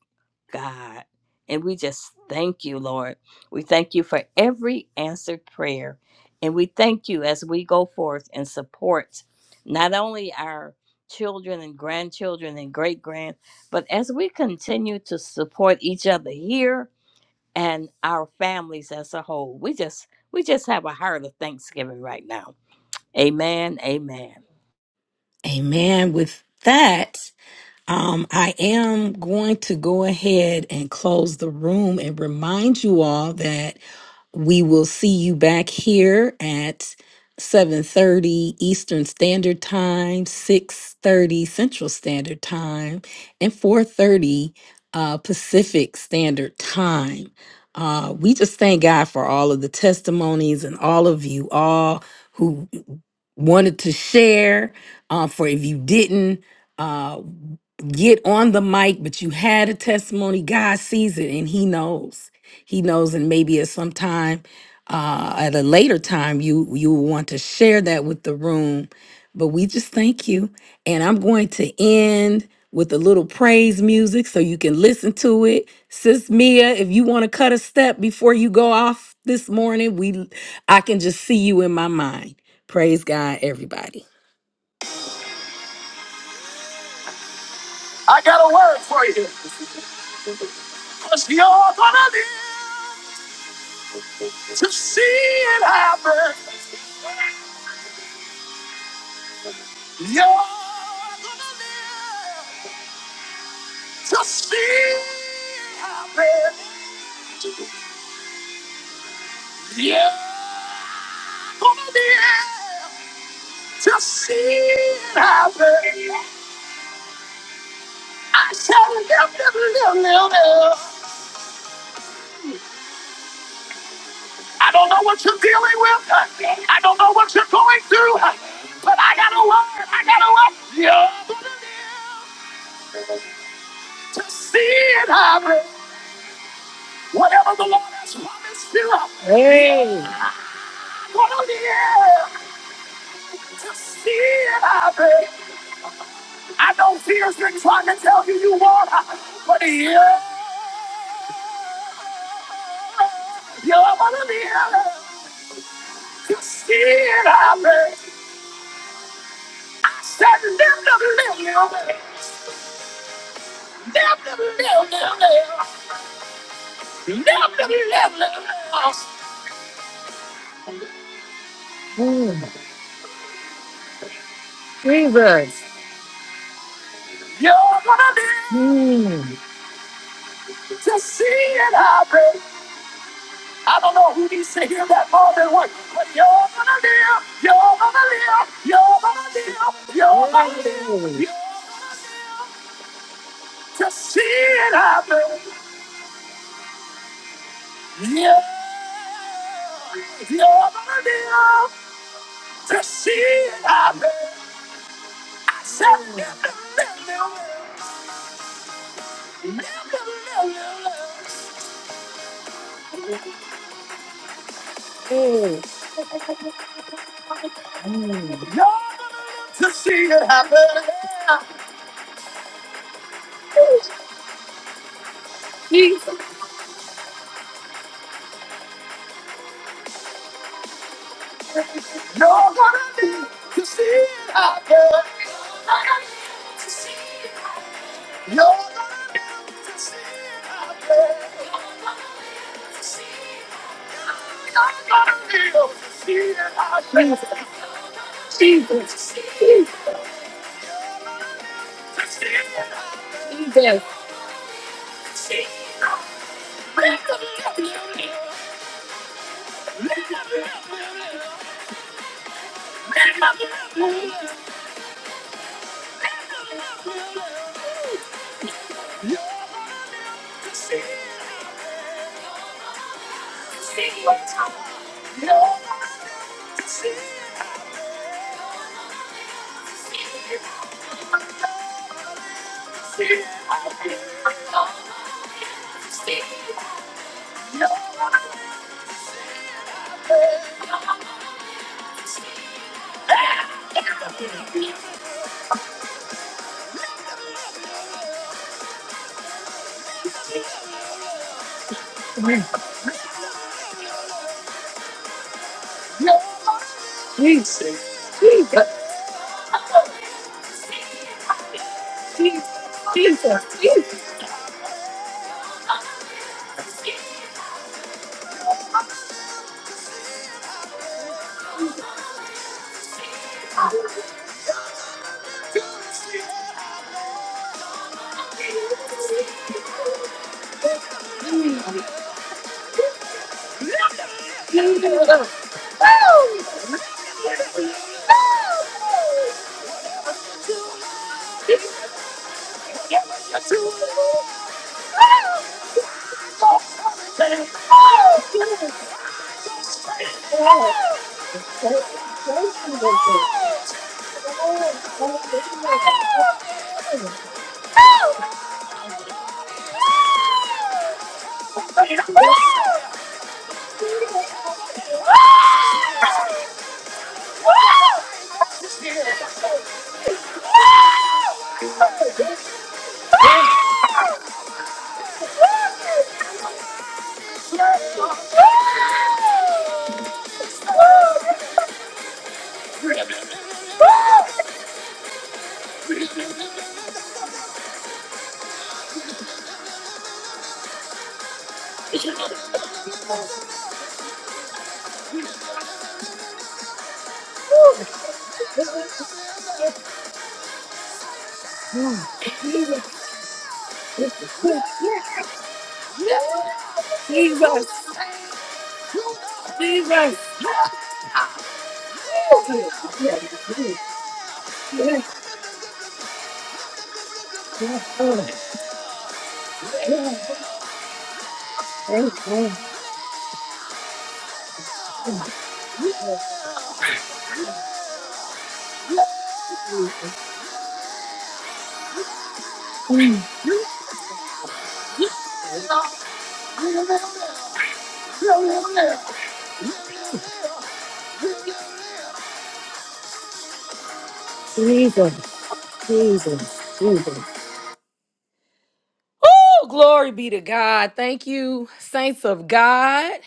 A: God. And we just thank you, Lord. We thank you for every answered prayer. And we thank you as we go forth and support not only our children and grandchildren and great grand, but as we continue to support each other here and our families as a whole. We just we just have a heart of thanksgiving right now. Amen. Amen.
B: Amen. With that, um, I am going to go ahead and close the room and remind you all that. We will see you back here at 7:30 Eastern Standard Time, 6:30 Central Standard Time, and 4:30 uh, Pacific Standard Time. Uh, we just thank God for all of the testimonies and all of you all who wanted to share. Uh, for if you didn't, uh, get on the mic, but you had a testimony. God sees it and He knows he knows and maybe at some time uh at a later time you you will want to share that with the room but we just thank you and i'm going to end with a little praise music so you can listen to it sis mia if you want to cut a step before you go off this morning we i can just see you in my mind praise god everybody yeah, oh yeah. just see it happen i shall live, live, live, live, live. I don't know what you're dealing with. I don't know what you're going through. But I got a word. I got a word. You're gonna live to see it happen. Whatever the Lord has promised you. Hey. You're gonna live to see it happen. I know fear's been trying to tell you you won't, but you're, you're gonna live to see it happen. I said live to live. Mm. To see it happen. I don't know who needs to hear that more than one, but you're gonna live, you're gonna live, you're gonna live, you're gonna live, Mm. you're gonna live to see it happen. Yeah, you're gonna live to see it happen. I said, live, live, live, live, live, live, live, live. You're gonna live to see it happen. Jesus. You're gonna live to see it happen. You're gonna live to see it happen. You're gonna live to see it happen. Jesus. Jesus. To see it happen. Jesus. See it happen. Live live, live, live. Live live, live, live. Live live, live, live. You're gonna live to see it Jesus, Jesus, Jesus, Jesus, Jesus.
P: Yes, praise praise the Lord. yes.
B: Woo! Jesus, Jesus, Jesus.
P: Hallelujah. Yes, yes, yes. yes. Amen. Yes, Jesus.
B: Oh, glory be to God. Thank you, saints of God.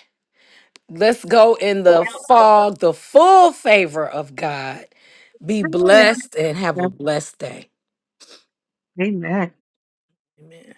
B: Let's go in the fog, the full favor of God. Be blessed and have a blessed day.
P: Amen.
B: Amen.